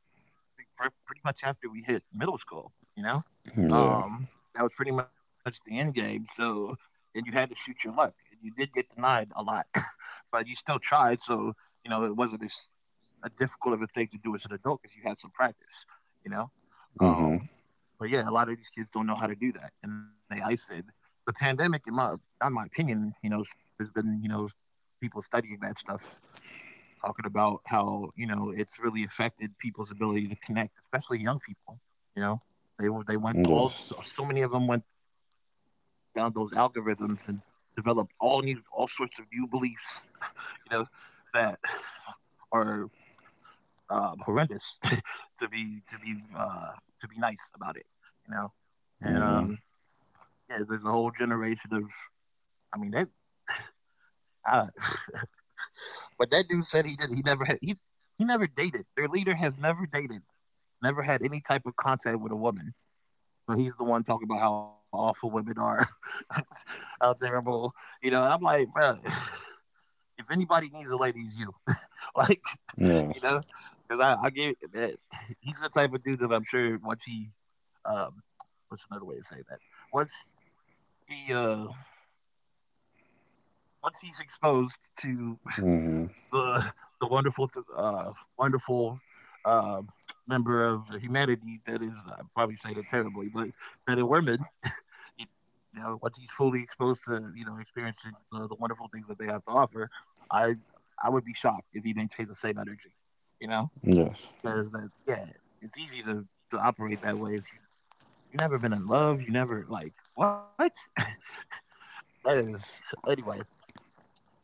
[SPEAKER 1] pretty much after we hit middle school. You know,
[SPEAKER 2] Yeah.
[SPEAKER 1] um, that was pretty much the end game. So, and you had to shoot your luck, and you did get denied a lot, but you still tried. So, you know, it wasn't as a difficult of a thing to do as an adult because you had some practice. You know,
[SPEAKER 2] Hmm.
[SPEAKER 1] um, but yeah, a lot of these kids don't know how to do that, and they isolated. The pandemic, in my opinion, you know, there's been you know people studying that stuff talking about how you know it's really affected people's ability to connect, especially young people. You know, they went to
[SPEAKER 2] Yes.
[SPEAKER 1] all so many of them went down those algorithms and developed all sorts of new beliefs. You know, that are horrendous to be to be nice about it. You know, and
[SPEAKER 2] Hmm.
[SPEAKER 1] yeah, there's a whole generation of I mean that. Uh, but that dude said he did. He never had. He never dated. Their leader has never dated, never had any type of contact with a woman. But he's the one talking about how awful women are, how terrible, you know. And I'm like, bro, if anybody needs a lady, it's you. like,
[SPEAKER 2] Yes.
[SPEAKER 1] you know, because I give man, he's the type of dude that I'm sure once he, um, what's another way to say that? Once he, uh, once he's exposed to
[SPEAKER 2] Hmm.
[SPEAKER 1] the the wonderful uh, wonderful uh, member of humanity that is, I probably say that terribly, but that a woman, you know, once he's fully exposed to you know experiencing the wonderful things that they have to offer, I I would be shocked if he maintains the same energy, you know,
[SPEAKER 2] Yes.
[SPEAKER 1] because that yeah, it's easy to operate that way if you never been in love, you never like what that is anyway.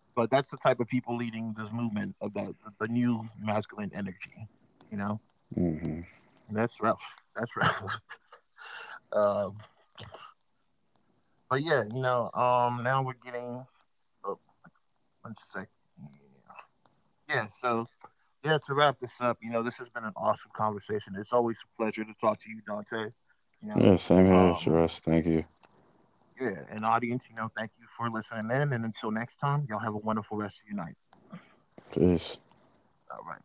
[SPEAKER 1] But that's the type of people leading this movement of that the new masculine energy, you know.
[SPEAKER 2] hmm
[SPEAKER 1] And that's rough. That's rough. Uh, but yeah, you know. Now we're getting. Oh, one second. Yeah. So yeah, to wrap this up, you know, this has been an awesome conversation. It's always a pleasure to talk to you, Dante. You know.
[SPEAKER 2] Yeah, same here,
[SPEAKER 1] Um,
[SPEAKER 2] Shiraz. Thank you.
[SPEAKER 1] yeah, and audience, you know, thank you for listening in. And until next time, y'all have a wonderful rest of your night.
[SPEAKER 2] Peace.
[SPEAKER 1] All right.